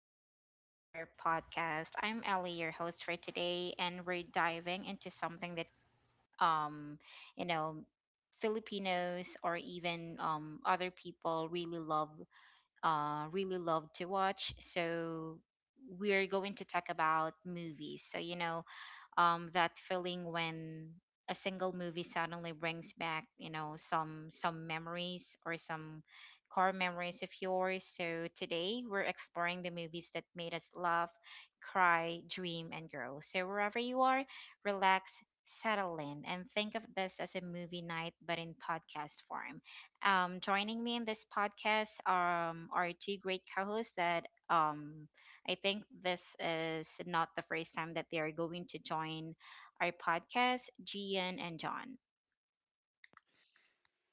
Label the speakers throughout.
Speaker 1: welcome back to our podcast. I'm Ellie, your host for today, and we're diving into something that, um, you know, Filipinos or even other people really love, to watch. So we're going to talk about movies. So that feeling when a single movie suddenly brings back some memories or some core memories of yours. So today we're exploring the movies that made us laugh, cry, dream, and grow. So wherever you are, relax, settle in, and think of this as a movie night but in podcast form. Joining me in this podcast are two great co-hosts that I think this is not the first time that they are going to join our podcast, Gian and John.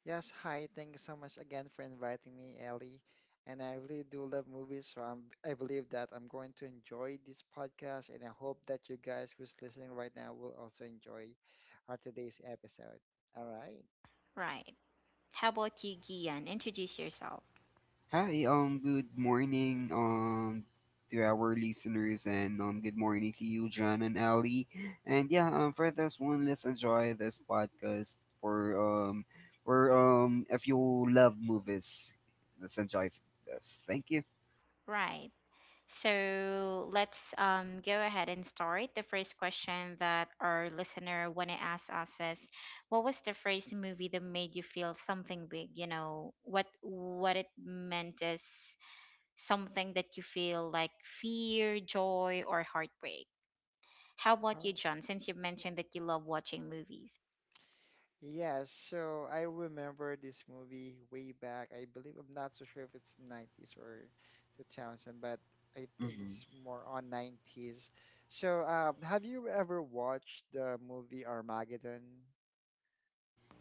Speaker 2: Yes, hi. Thank you so much again for inviting me, Ellie. And I really do love movies, so I believe that I'm going to enjoy this podcast, and I hope that you guys who's listening right now will also enjoy our today's episode. All right.
Speaker 1: Right. How about you, Gian? Introduce yourself.
Speaker 3: Hi, good morning, to our listeners, and good morning to you, John and Ali. And yeah, for this one, let's enjoy this podcast for, if you love movies, let's enjoy this. Thank you.
Speaker 1: Right. So let's go ahead and start. The first question that our listener want to ask us is, what was the first movie that made you feel something big? You know, what it meant is something that you feel like fear, joy, or heartbreak. How about you,
Speaker 2: Oh.
Speaker 1: John? Since you mentioned that you love watching movies.
Speaker 2: Yeah, so I remember this movie way back. I believe I'm not so sure if it's 90s or 2000, but I think it's
Speaker 3: Mm-hmm.
Speaker 2: more on 90s. So, have you ever watched the movie Armageddon?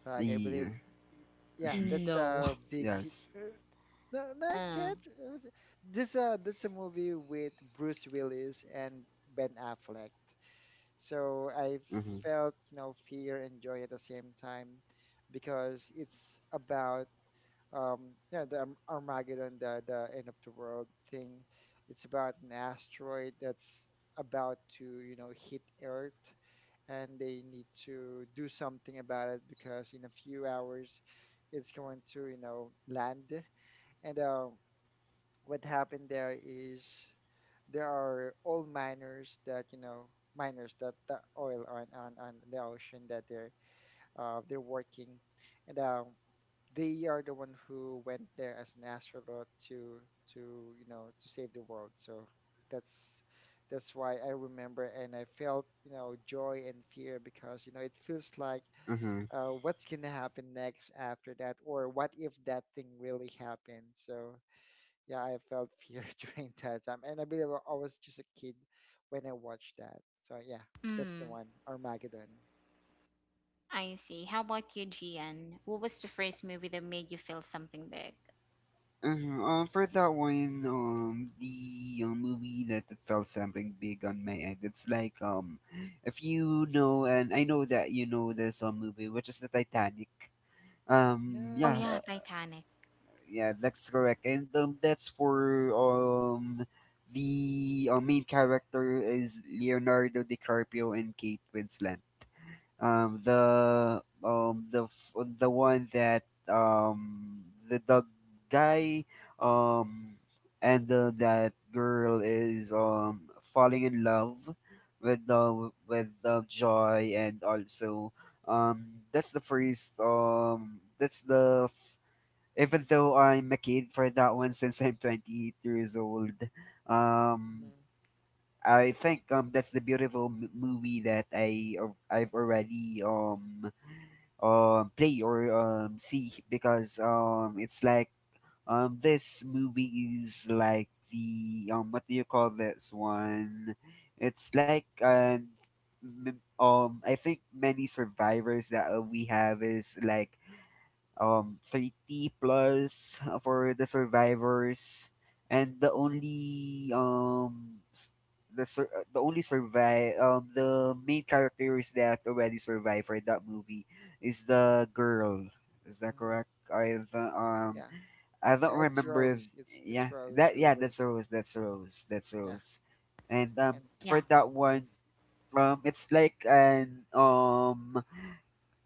Speaker 2: Like I
Speaker 3: The
Speaker 2: believe, y- yes, that's
Speaker 1: No.
Speaker 2: a big hit.
Speaker 3: Yes.
Speaker 2: No, not
Speaker 1: Uh,
Speaker 2: yet. It was- This that's a movie with Bruce Willis and Ben Affleck. So I
Speaker 3: Mm-hmm.
Speaker 2: felt, fear and joy at the same time because it's about the Armageddon, the end of the world thing. It's about an asteroid that's about to, hit Earth, and they need to do something about it because in a few hours it's going to, land. And what happened there is there are old miners that the oil on the ocean that they're working. And they are the one who went there as an astronaut to you know to save the world, so that's that's why I remember, and I felt, joy and fear because it feels like
Speaker 3: Mm-hmm.
Speaker 2: what's gonna happen next after that, or what if that thing really happened? So yeah, I felt fear during that time, and I believe I was just a kid when I watched that. So yeah, that's the
Speaker 1: mm,
Speaker 2: one, Armageddon.
Speaker 1: I see. How about you, Gian? What was the first movie that made you feel something big?
Speaker 3: Uh-huh. For that one, the movie that it felt something big on my end. It's like, if you know, and I know that you know, there's a movie which is the Titanic.
Speaker 1: Oh
Speaker 3: Yeah,
Speaker 2: Yeah.
Speaker 1: yeah, Titanic.
Speaker 3: yeah, that's correct, and that's for, the main character is Leonardo DiCaprio and Kate Winslet.
Speaker 2: Yes.
Speaker 3: The, the one that, the guy, um, and that girl is, falling in love with the joy, and also, that's the first. Even though I'm a kid for that one since I'm 28 years old, um,
Speaker 2: Hmm.
Speaker 3: I think that's the beautiful movie that I've already play or see, because it's like, this movie is like the, what do you call this one? It's like, I think many survivors that we have is like 30 plus, for the survivors, and the only survive, the main characters that already survived for that movie is the girl. Is that
Speaker 2: Hmm.
Speaker 3: correct? I the,
Speaker 2: Yeah.
Speaker 3: I don't
Speaker 2: Yeah, it's
Speaker 3: remember
Speaker 2: Rose.
Speaker 3: th-
Speaker 2: It's
Speaker 3: Yeah,
Speaker 2: it's Rose
Speaker 3: that
Speaker 2: who
Speaker 3: yeah, that's
Speaker 2: was.
Speaker 3: Rose.
Speaker 2: Yeah.
Speaker 3: And
Speaker 2: And
Speaker 1: Yeah.
Speaker 3: for that one, it's like an,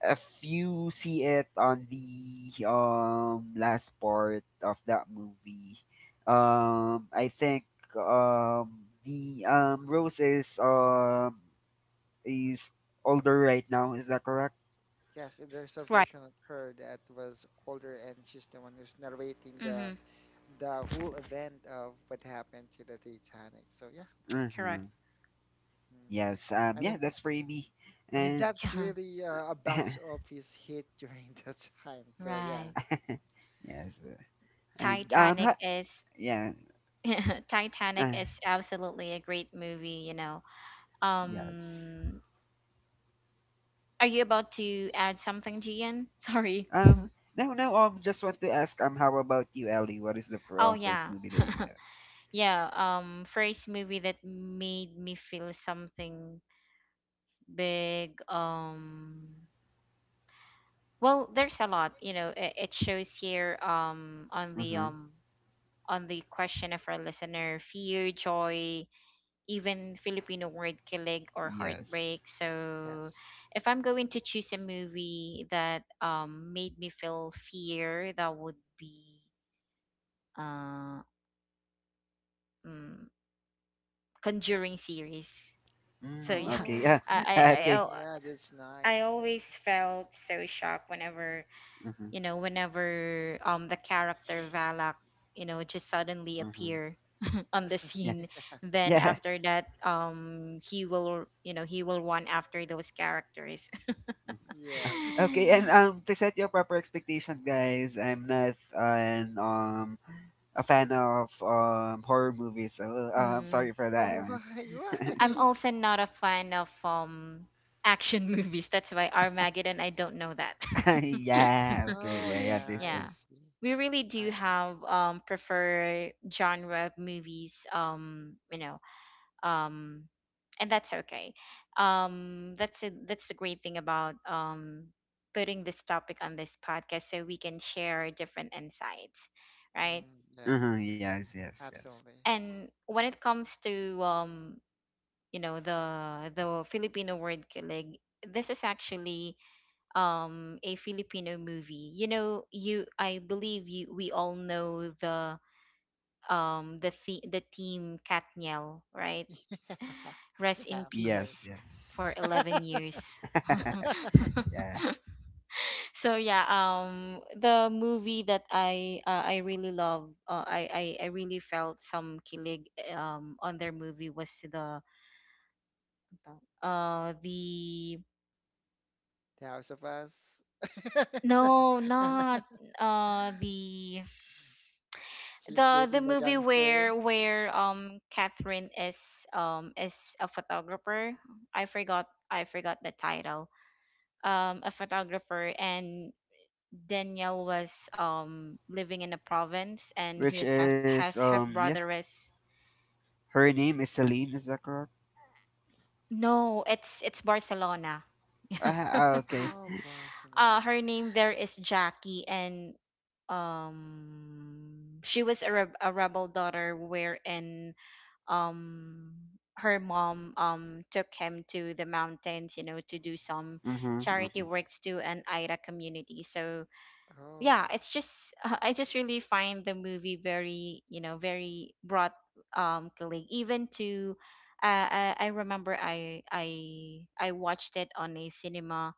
Speaker 3: if you see it on the, last part of that movie, I think, the, Rose is older right now. Is that correct?
Speaker 2: yes, and there's a
Speaker 1: Right.
Speaker 2: version of her that was older, and she's the one who's narrating the
Speaker 1: Mm-hmm.
Speaker 2: whole event of what happened to the Titanic. So yeah, that's...
Speaker 1: Correct.
Speaker 3: Mm-hmm.
Speaker 2: mm,
Speaker 3: Yes.
Speaker 2: I
Speaker 3: Yeah.
Speaker 2: mean
Speaker 3: That's for me.
Speaker 2: I mean,
Speaker 3: And
Speaker 2: that's
Speaker 1: Yeah.
Speaker 2: really a box office hit during that time. So yeah.
Speaker 1: Right.
Speaker 3: yes. And
Speaker 2: I mean,
Speaker 3: um.
Speaker 1: Titanic
Speaker 3: Ha-
Speaker 1: is
Speaker 3: yeah.
Speaker 1: Titanic
Speaker 3: Uh,
Speaker 1: is absolutely a great movie.
Speaker 3: yes.
Speaker 1: Um, are you about to add something, Gian? Sorry.
Speaker 3: Um. No. No. Just want to ask. How about you, Ellie? What is the
Speaker 1: Oh
Speaker 3: first
Speaker 1: yeah.
Speaker 3: movie that you have?
Speaker 1: Yeah, first movie that made me feel something big. Well, there's a lot. It, shows here on the
Speaker 3: Mm-hmm.
Speaker 1: question of our listener: fear, joy, even Filipino word kilig, or heartbreak.
Speaker 3: Yes.
Speaker 1: So
Speaker 2: yes.
Speaker 1: if I'm going to choose a movie that made me feel fear, that would be uh mm, Conjuring series. So
Speaker 3: Mm,
Speaker 1: yeah,
Speaker 3: okay.
Speaker 2: Oh,
Speaker 3: Yeah.
Speaker 1: I I I-
Speaker 3: Okay.
Speaker 2: Conjuring.
Speaker 1: I'll,
Speaker 2: Yeah, that's
Speaker 1: I
Speaker 2: nice. Yeah,
Speaker 1: always
Speaker 2: that's
Speaker 1: felt so shocked,
Speaker 3: Mm-hmm,
Speaker 1: whenever the character Valak, just suddenly
Speaker 3: mm-hmm.
Speaker 1: appear on the
Speaker 3: Yeah.
Speaker 1: scene.
Speaker 2: nice.
Speaker 1: Then
Speaker 3: Yeah.
Speaker 1: after that, he will run after those characters.
Speaker 2: Yes, I
Speaker 3: Okay.
Speaker 2: mean...
Speaker 3: And, to set your proper expectation, guys, I'm not an a fan of, horror movies. So, I'm
Speaker 1: Mm.
Speaker 3: sorry for that.
Speaker 2: Oh,
Speaker 3: Man.
Speaker 2: why?
Speaker 1: I'm
Speaker 2: Why?
Speaker 1: also not a fan of action movies. That's why Armageddon, I don't know that.
Speaker 3: Yeah.
Speaker 2: Oh
Speaker 3: Okay. I
Speaker 2: yeah, I
Speaker 3: understand.
Speaker 1: Yeah.
Speaker 2: see.
Speaker 1: We really
Speaker 2: I
Speaker 1: do have prefer genre of movies, um and that's okay. That's the great thing about putting this topic on this podcast, so we can share different insights, right?
Speaker 2: yeah,
Speaker 3: Mm-hmm, yes. Yes. Yes.
Speaker 2: absolutely.
Speaker 1: And when it comes to you know the the Filipino word kilig. This is actually a Filipino movie. You know, you, I believe you, we all know the team Katniel, right?
Speaker 2: Yeah,
Speaker 1: Rest in
Speaker 2: yeah, of course.
Speaker 3: Yes.
Speaker 1: peace for
Speaker 3: Yes.
Speaker 1: 11 years.
Speaker 3: Yeah.
Speaker 1: So yeah, the movie that I really love, I really felt some kilig on their movie was the.
Speaker 2: The House of Us.
Speaker 1: No,
Speaker 2: And
Speaker 1: not uh the
Speaker 2: she's
Speaker 1: the
Speaker 2: dating the
Speaker 1: movie
Speaker 2: gangster.
Speaker 1: where where Catherine is a photographer. I forgot the title. A photographer, and Danielle was living in a province and
Speaker 3: Which
Speaker 1: his
Speaker 3: is,
Speaker 1: half
Speaker 3: yeah.
Speaker 1: brother is.
Speaker 3: Her name is Celine. Is that correct?
Speaker 1: No, it's Barcelona. Yeah.
Speaker 3: Ah. Ah, okay.
Speaker 2: Oh, Barcelona.
Speaker 1: Her name there is Jackie, and she was a rebel daughter, wherein um her mom took him to the mountains, to do some
Speaker 3: Mm-hmm.
Speaker 1: charity
Speaker 3: Mm-hmm.
Speaker 1: works to an Aira community. So
Speaker 2: Oh.
Speaker 1: yeah, it's just I just really find the movie very, very broad colleague, even to I remember I watched it on a cinema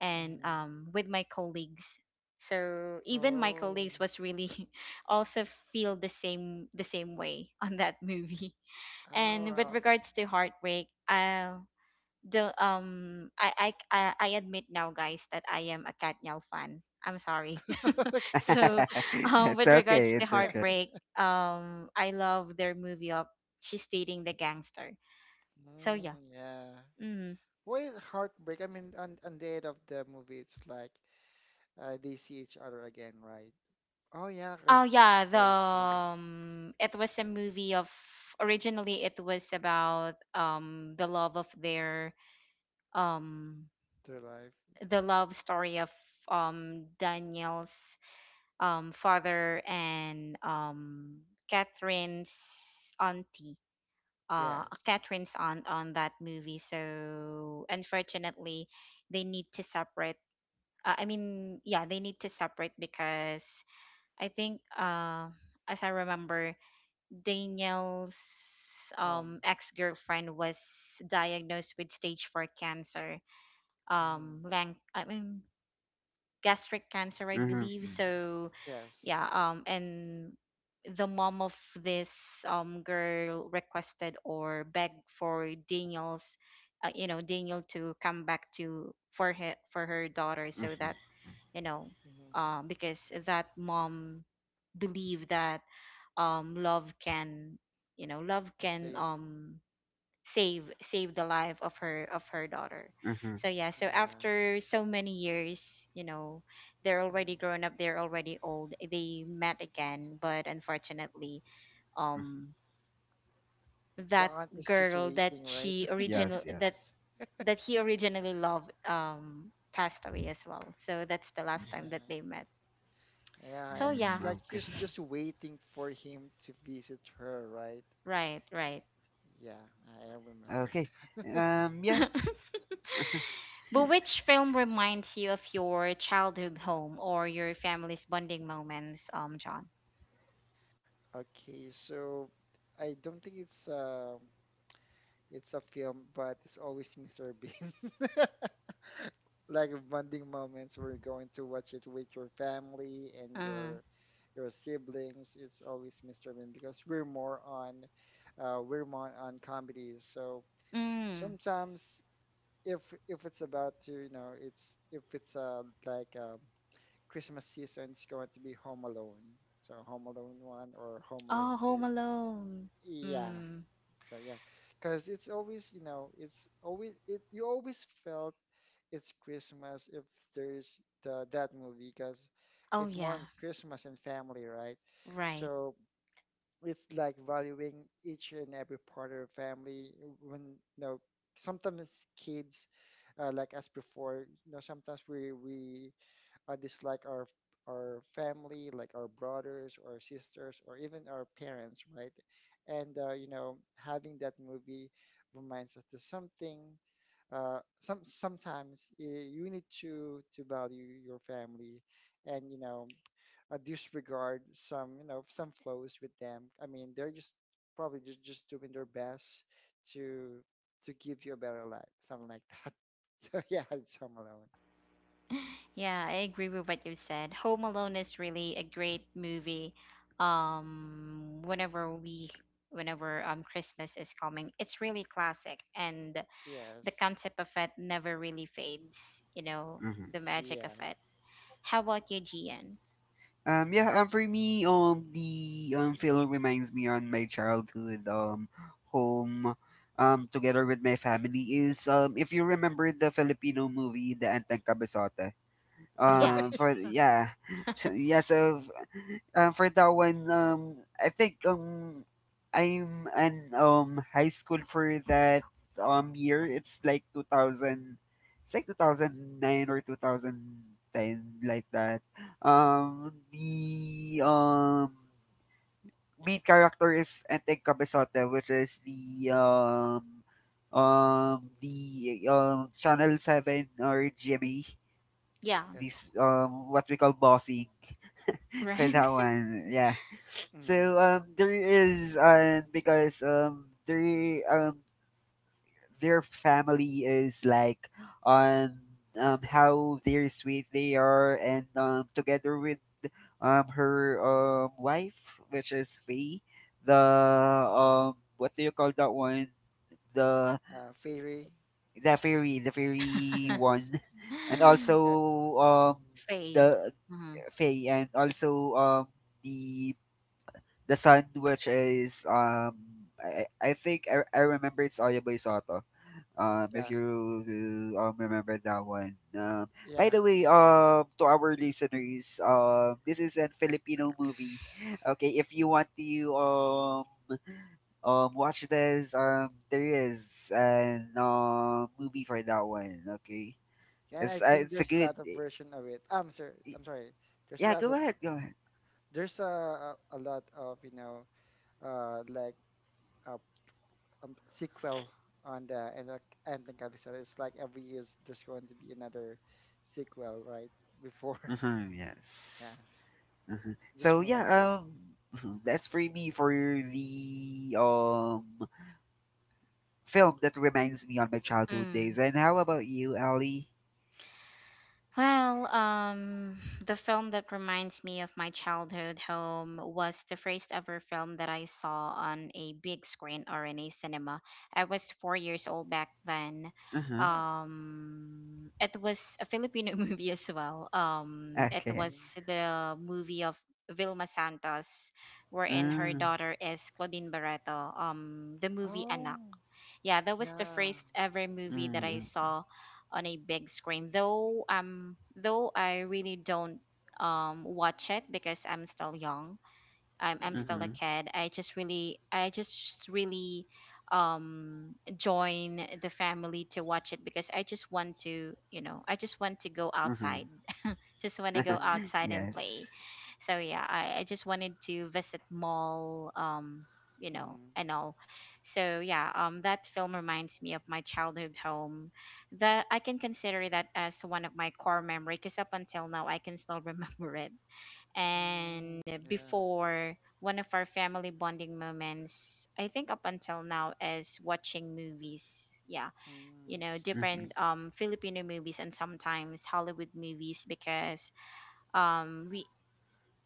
Speaker 1: and
Speaker 2: Mm.
Speaker 1: with my colleagues. So even my
Speaker 2: Oh.
Speaker 1: colleagues was really also feel the same way on that movie.
Speaker 2: Oh.
Speaker 1: And with
Speaker 2: Well.
Speaker 1: regards to heartbreak, the I admit now, guys, that I am a Katniel fan. I'm sorry.
Speaker 2: Okay.
Speaker 1: So
Speaker 3: It's
Speaker 1: with regards
Speaker 3: okay.
Speaker 1: to
Speaker 3: It's okay.
Speaker 1: heartbreak, I love their movie of She's Dating the Gangster. So yeah.
Speaker 2: Mm, yeah.
Speaker 1: Mm.
Speaker 2: What is heartbreak? I mean, on, the end of the movie, it's like they see each other again, right? Oh yeah,
Speaker 1: Oh
Speaker 2: 'cause
Speaker 1: yeah, the
Speaker 2: I see
Speaker 1: it was a movie of, originally it was about the love of their, um
Speaker 2: their life.
Speaker 1: the love story of Daniel's father and Catherine's auntie,
Speaker 2: Yes.
Speaker 1: Catherine's aunt on that movie. So unfortunately, they need to separate. I mean, yeah, they need to separate because I think, as I remember, Daniel's,
Speaker 2: Um.
Speaker 1: ex-girlfriend was diagnosed with stage four cancer,
Speaker 2: Mhm.
Speaker 1: I mean gastric cancer, I believe.
Speaker 3: Mm-hmm,
Speaker 1: So,
Speaker 2: Yes.
Speaker 1: yeah, and the mom of this girl requested or begged for Daniel to come back to for her, for her daughter, so that,
Speaker 3: mm-hmm,
Speaker 1: you know,
Speaker 2: Mm-hmm.
Speaker 1: because that mom believed that um love can love can
Speaker 2: Save.
Speaker 1: save the life of her daughter.
Speaker 3: mm-hmm.
Speaker 1: So yeah, so
Speaker 2: Yeah.
Speaker 1: after so many years, they're already
Speaker 2: Hmm.
Speaker 1: grown up, they're already old, they met again, but unfortunately, um
Speaker 2: The
Speaker 1: that
Speaker 2: aunt is just
Speaker 1: girl that
Speaker 2: waiting, right?
Speaker 1: she
Speaker 3: Yes,
Speaker 1: original that
Speaker 3: yes.
Speaker 1: that he originally loved passed away as well. So that's the last time
Speaker 2: Yeah.
Speaker 1: that they met.
Speaker 2: Yeah,
Speaker 1: So
Speaker 2: and
Speaker 3: Mm,
Speaker 1: yeah.
Speaker 2: it's like
Speaker 3: okay.
Speaker 2: she's just waiting for him to visit her, right?
Speaker 1: Right. Right.
Speaker 2: Yeah, I remember
Speaker 3: Okay.
Speaker 2: that.
Speaker 3: Yeah.
Speaker 1: But which film reminds you of your childhood home or your family's bonding moments, John?
Speaker 2: Okay, so I don't think it's a film, but it's always Mr. Bean. Like bonding moments, we're going to watch it with your family and
Speaker 1: Mm.
Speaker 2: your siblings. It's always Mr. Bean because we're more on comedies. So
Speaker 1: Mm.
Speaker 2: sometimes, if if it's about to you know it's if it's like Christmas season, it's going to be Home Alone. So Home Alone one or Home Alone
Speaker 1: Oh, Home
Speaker 2: two.
Speaker 1: Alone.
Speaker 2: Yeah,
Speaker 1: Mm.
Speaker 2: so yeah, because it's always, you know, it's always it. You always felt it's Christmas if there's the that movie, because
Speaker 1: Oh,
Speaker 2: it's more on
Speaker 1: yeah.
Speaker 2: Christmas and family, right?
Speaker 1: Right.
Speaker 2: So it's like valuing each and every part of family. When you know, sometimes kids, like us before, you know, sometimes we dislike our family, like our brothers or sisters or even our parents, right? And having that movie reminds us that something. Some sometimes you need to value your family, and disregard some you know some flows with them. I mean, they're just probably just doing their best to to give you a better life, something like that. So yeah, it's Home Alone.
Speaker 1: Yeah, I agree with what you said. Home Alone is really a great movie. Whenever we, whenever Christmas is coming, it's really classic, and the
Speaker 2: Yes.
Speaker 1: concept of it never really fades. You know,
Speaker 3: Mm-hmm.
Speaker 1: the magic of
Speaker 2: Yeah.
Speaker 1: it. How about you, Gian?
Speaker 3: Yeah, for me, the film reminds me on my childhood, home, together with my family is, if you remember the Filipino movie, The Antang Kabisota.
Speaker 1: Yeah,
Speaker 3: For, yeah, yeah, so for that one, I think, I'm an high school for that year. It's like 2009 or 2010, like that. The main character is Enteng Cabezote, which is the Channel Seven or GMA.
Speaker 1: yeah,
Speaker 2: Yes.
Speaker 3: This, what we call bossing, for
Speaker 1: right.
Speaker 3: that one, yeah.
Speaker 2: Mm,
Speaker 3: So, there is, because their family is like on, how they're sweet they are, and, together with, her, wife which is Faye, the,
Speaker 2: hmm.
Speaker 3: what do you call that one, the
Speaker 2: Fairy.
Speaker 3: the fairy
Speaker 2: Yes.
Speaker 3: one. And also
Speaker 2: Yeah.
Speaker 1: Faye.
Speaker 3: the
Speaker 1: Mm-hmm.
Speaker 3: Faye, and also, the the son, which is, I think, I remember it's Oyaboy Soto. If
Speaker 2: Yeah.
Speaker 3: you, remember that one. By
Speaker 2: Yeah.
Speaker 3: the way, to our listeners, this is a Filipino movie. Okay, if you want to watch this, there is an, movie for that one, okay?
Speaker 2: Yeah,
Speaker 3: It's
Speaker 2: I
Speaker 3: uh,
Speaker 2: think
Speaker 3: it's a
Speaker 2: there's a
Speaker 3: good,
Speaker 2: lot of version of it. I'm sorry. I'm sorry. There's a
Speaker 3: yeah.
Speaker 2: lot
Speaker 3: Go
Speaker 2: of
Speaker 3: ahead, go ahead.
Speaker 2: there's a lot of like a sequel on the and like ending episode. It's like every year's there's going to be another sequel, right? Before.
Speaker 3: Mhm,
Speaker 2: Yeah.
Speaker 3: yes. Uh-huh.
Speaker 2: Just
Speaker 3: So
Speaker 2: remember.
Speaker 3: yeah, that's for me for the film that reminds me on my childhood days.
Speaker 1: Mm.
Speaker 3: And how about you, Ali?
Speaker 1: Well, the film that reminds me of my childhood home was the first ever film that I saw on a big screen or in a cinema. I was 4 years old back then.
Speaker 3: Uh-huh.
Speaker 2: Oh.
Speaker 1: It was a Filipino movie as well. It
Speaker 3: Okay.
Speaker 1: was
Speaker 2: Hmm.
Speaker 1: the movie of Vilma Santos, wherein her
Speaker 3: Mm,
Speaker 1: daughter is Claudine Barreto. The movie Anak.
Speaker 2: Oh.
Speaker 1: Yeah, that was the
Speaker 2: Yeah.
Speaker 1: first ever movie that I
Speaker 3: mm, okay.
Speaker 1: saw on a big screen. Though I really don't watch it because I'm still young. I'm still
Speaker 2: Mm-hmm.
Speaker 1: a
Speaker 3: Mm-hmm.
Speaker 1: kid. I just really join the family to watch it because I just want to go
Speaker 3: Mm-hmm.
Speaker 1: outside. Just want to go
Speaker 2: Mm-hmm.
Speaker 1: outside and play.
Speaker 3: Yes.
Speaker 1: So yeah, I just wanted to visit mall,
Speaker 2: Mm-hmm.
Speaker 1: and all. So yeah, that film reminds me of my childhood home, that I can consider that as one of my core memory, because up until now I can still remember it.
Speaker 2: Mm,
Speaker 1: And
Speaker 2: yeah.
Speaker 1: before, one of our family bonding moments, I think, up until now, is watching movies. Yeah,
Speaker 2: Mm,
Speaker 1: you know,
Speaker 2: that's
Speaker 3: Mm-hmm.
Speaker 1: different
Speaker 2: nice.
Speaker 1: Filipino movies and sometimes Hollywood movies, because um we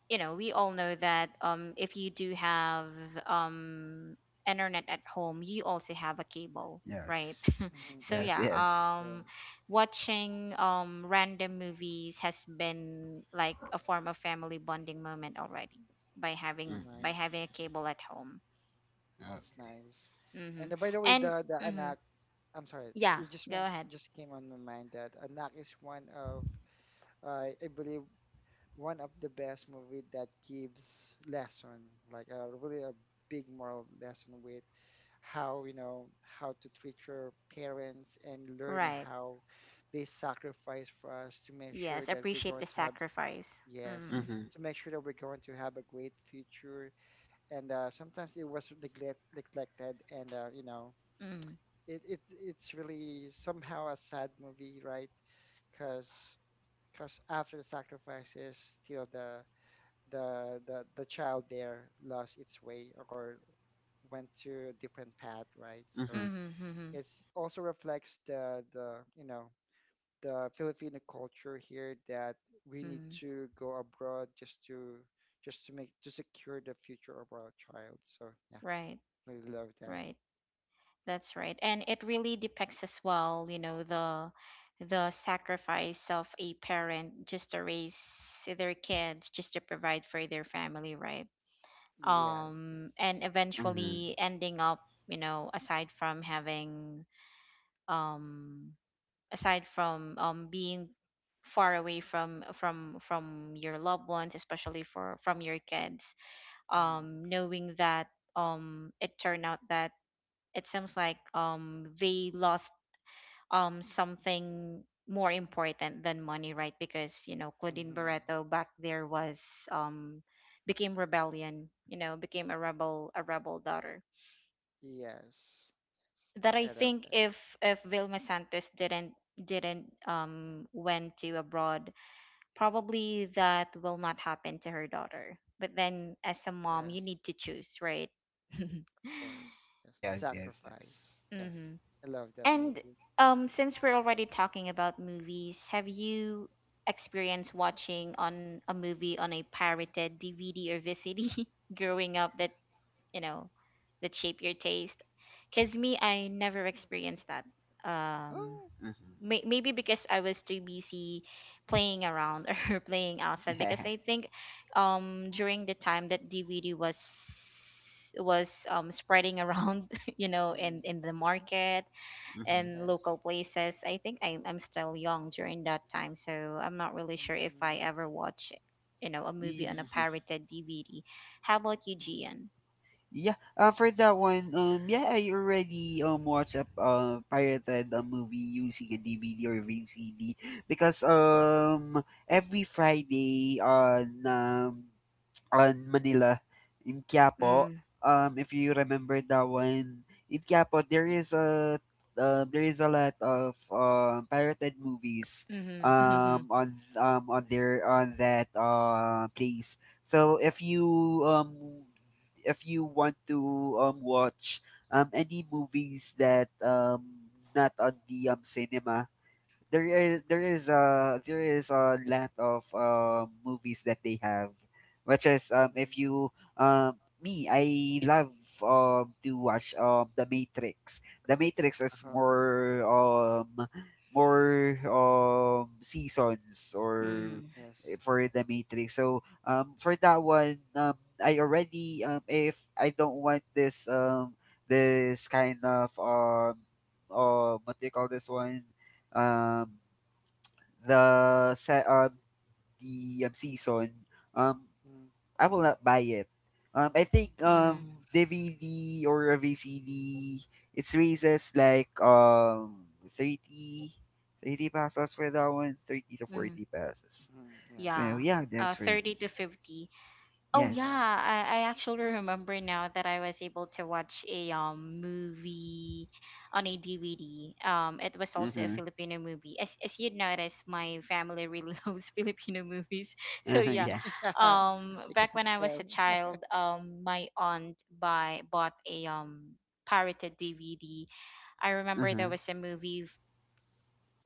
Speaker 1: we all know that, if you do have um, internet at home, you also have a cable, right?
Speaker 3: Yes.
Speaker 2: Hmm.
Speaker 1: So
Speaker 3: Yes.
Speaker 2: Yes,
Speaker 1: yeah,
Speaker 2: yes, for
Speaker 3: Yes.
Speaker 2: sure.
Speaker 1: watching random movies has been like a form of family bonding moment already, by
Speaker 2: That's
Speaker 1: having
Speaker 3: Mm-hmm.
Speaker 2: nice.
Speaker 1: a cable at home.
Speaker 2: That's
Speaker 3: Okay.
Speaker 2: nice.
Speaker 1: Mm-hmm.
Speaker 2: And by the way,
Speaker 1: And
Speaker 2: the
Speaker 1: mm-hmm,
Speaker 2: anak, I'm sorry,
Speaker 1: yeah,
Speaker 2: it just
Speaker 1: go
Speaker 2: want
Speaker 1: ahead.
Speaker 2: just came on my mind that anak is one of, I believe, one of the best movie that gives lesson, like a really a big moral lesson with how to treat your parents, and learn
Speaker 1: Right.
Speaker 2: how they sacrifice for us to make sure
Speaker 1: Yes,
Speaker 2: that we're
Speaker 1: appreciate
Speaker 2: going
Speaker 1: the
Speaker 2: to have...
Speaker 1: sacrifice.
Speaker 2: Yes.
Speaker 1: Mm-hmm.
Speaker 3: Mm-hmm.
Speaker 2: To make sure that we're going to have a great future. And sometimes it was neglected, and uh, you know,
Speaker 1: Mm-hmm.
Speaker 2: it, it it's really, somehow, a sad movie, right? Because because after the sacrifices, still the child there lost its way or went to a different path, right? So
Speaker 3: Mm-hmm.
Speaker 1: Mm-hmm.
Speaker 2: it's also reflects the you know the Filipino culture here that we need
Speaker 1: Mm.
Speaker 2: to go abroad just to make to secure the future of our child. So yeah,
Speaker 1: Right.
Speaker 2: really love that.
Speaker 1: Right. That's right. And it really depicts as well, the sacrifice of a parent just to raise their kids, just to provide for their family, right?
Speaker 2: Yes, it
Speaker 1: And
Speaker 2: is.
Speaker 3: Mm-hmm.
Speaker 1: eventually ending up, aside from um being far away from your loved ones, especially for from your kids,
Speaker 2: Mhm.
Speaker 1: knowing that it turned out that it seems like they lost something more important than money, right? Because Claudine
Speaker 2: Mhm.
Speaker 1: Barreto back there was um became a rebel daughter.
Speaker 2: Yes. Yes.
Speaker 1: That I
Speaker 2: I love
Speaker 1: think,
Speaker 2: that.
Speaker 1: if Vilma Santos didn't went to abroad, probably that will not happen to her daughter. But then, as a mom, you
Speaker 2: Yes,
Speaker 1: need to choose, right?
Speaker 2: of course. Yes.
Speaker 3: Yes. Yes. Yes.
Speaker 2: Sacrifice. Yes.
Speaker 1: Mm-hmm.
Speaker 2: I love that
Speaker 1: And,
Speaker 2: movie.
Speaker 1: since we're already talking about movies, have you experienced watching on a movie on a pirated DVD or VCD growing up, you know, that shape your taste? Because me, I never experienced that. Um,
Speaker 2: Oh.
Speaker 3: Mm-hmm.
Speaker 1: maybe because I was too busy playing around or playing outside. Because I think during the time that DVD was spreading around,
Speaker 2: Mm,
Speaker 1: in the market and
Speaker 2: yes.
Speaker 1: local places. I think I'm still young during that time, so I'm not really sure if I
Speaker 2: Mm,
Speaker 1: ever watch, a movie
Speaker 3: Yeah.
Speaker 1: on a
Speaker 3: Mm-hmm.
Speaker 1: pirated DVD. How about you,
Speaker 2: mm,
Speaker 1: Gian?
Speaker 3: Yeah, for that one, yeah, I already watched a, pirated a movie using a DVD or VCD, because every Friday on Manila in Quiapo.
Speaker 1: Mm.
Speaker 3: If you remember that one, in Quiapo there is a lot of pirated movies,
Speaker 1: Mm-hmm.
Speaker 3: on, on their on that, place. So if you want to watch any movies that, not on the, cinema, there is there is a there is a lot of, movies that they have, which is,
Speaker 2: mm.
Speaker 3: if you, me, I love to watch, The Matrix. The Matrix is
Speaker 2: Uh-huh.
Speaker 3: more seasons, or
Speaker 1: Mm-hmm.
Speaker 2: Yes.
Speaker 3: for The Matrix. So, for that one, I already, if I don't want this, this kind of, what do you call this one, um, the se- um, the, season, um,
Speaker 2: Mm,
Speaker 3: I will not buy it. I think,
Speaker 1: Mm, mm,
Speaker 3: DVD or a VCD, it's raises like thirty, thirty 30 pesos for that one, 30 to
Speaker 1: mm.
Speaker 3: 40 pesos.
Speaker 2: mm. Yeah,
Speaker 3: So
Speaker 1: Yeah,
Speaker 2: something
Speaker 3: yeah,
Speaker 2: like that.
Speaker 3: that's for
Speaker 1: 30 to
Speaker 3: me.
Speaker 1: 50. Oh yeah,
Speaker 3: Yes.
Speaker 2: Yeah.
Speaker 1: I actually remember now that I was able to watch a movie on a DVD. It was also a
Speaker 3: Uh-huh.
Speaker 2: Mm-hmm.
Speaker 1: Filipino movie. As you'd notice, my family really loves Filipino movies. So
Speaker 3: Uh-huh.
Speaker 1: yeah,
Speaker 3: Yeah.
Speaker 2: Yeah, you can
Speaker 1: back when I was
Speaker 2: tell.
Speaker 1: a child, my aunt buy bought a pirated DVD. I remember there
Speaker 3: Uh-huh.
Speaker 1: was a movie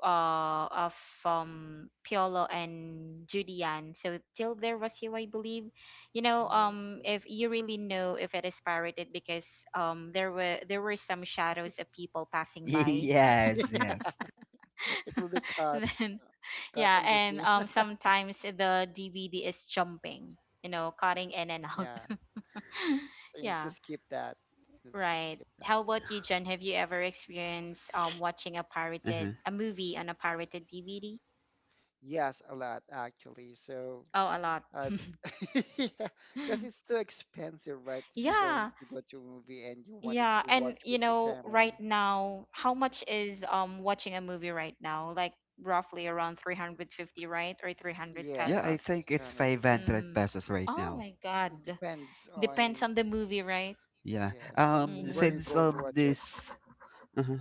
Speaker 1: of Piolo and Julian. So till there was you, I believe. You know,
Speaker 2: Oh, okay.
Speaker 1: if you really know if it is pirated because there were some shadows of people passing by.
Speaker 3: Yes,
Speaker 2: Yeah,
Speaker 3: yes.
Speaker 2: it will be cut,
Speaker 1: Then yeah,
Speaker 2: in the
Speaker 1: and
Speaker 2: scene.
Speaker 1: sometimes the DVD is jumping. You know, cutting in and out.
Speaker 2: Yeah, so you need to
Speaker 1: Yeah,
Speaker 2: skip that. You need to
Speaker 1: right.
Speaker 2: skip that
Speaker 1: How
Speaker 2: part.
Speaker 1: about you, Jen? Have you ever experienced watching a pirated
Speaker 3: Uh-huh.
Speaker 1: a movie on a pirated DVD?
Speaker 2: Yes, a lot actually. So,
Speaker 1: Oh, a lot.
Speaker 2: uh, yeah, because it's too expensive, right? If you're going
Speaker 1: Yeah,
Speaker 2: to go to a movie and you wanted
Speaker 1: yeah,
Speaker 2: to
Speaker 1: and
Speaker 2: watch
Speaker 1: you
Speaker 2: with your
Speaker 1: know,
Speaker 2: family,
Speaker 1: right now, how much is watching a movie right now? Like roughly around 350, right? Or 300
Speaker 3: Yeah, I
Speaker 2: yes,
Speaker 1: pesos.
Speaker 3: think it's
Speaker 2: kind
Speaker 3: 500
Speaker 1: Mm-hmm.
Speaker 3: pesos right
Speaker 1: Oh
Speaker 3: now.
Speaker 1: my God.
Speaker 2: it depends
Speaker 1: Depends
Speaker 2: on...
Speaker 1: on the movie, right?
Speaker 3: Yeah.
Speaker 2: yes, and where you're
Speaker 1: Mm-hmm.
Speaker 3: Since
Speaker 2: going to watch it.
Speaker 3: this... Uh-huh.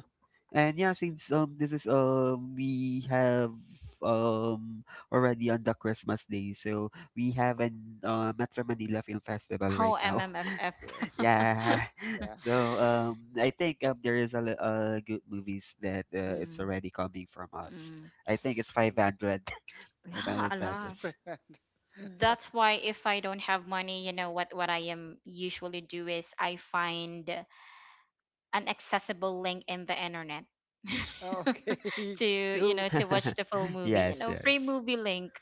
Speaker 3: And yeah, since this is, we have um already on the Christmas day, so we have an, Metro Manila Film Festival
Speaker 1: How
Speaker 3: right now.
Speaker 1: MMFF.
Speaker 2: Yes,
Speaker 3: Yeah,
Speaker 2: yeah.
Speaker 3: so, I think, there is a, good movies that,
Speaker 1: Mm
Speaker 3: it's
Speaker 1: mm.
Speaker 3: already coming from us. I think it's five
Speaker 2: Mm-hmm.
Speaker 3: hundred, five
Speaker 1: Yeah, a
Speaker 3: hundred
Speaker 2: It's
Speaker 1: lot.
Speaker 3: pesos.
Speaker 2: bad.
Speaker 1: That's why if I don't have money, you know what I am usually do is I find an accessible link in the internet
Speaker 2: Okay,
Speaker 1: to
Speaker 2: it's
Speaker 1: you
Speaker 2: still
Speaker 1: know to watch the full movie, you
Speaker 3: Yes,
Speaker 1: know, free
Speaker 3: yes.
Speaker 1: movie link.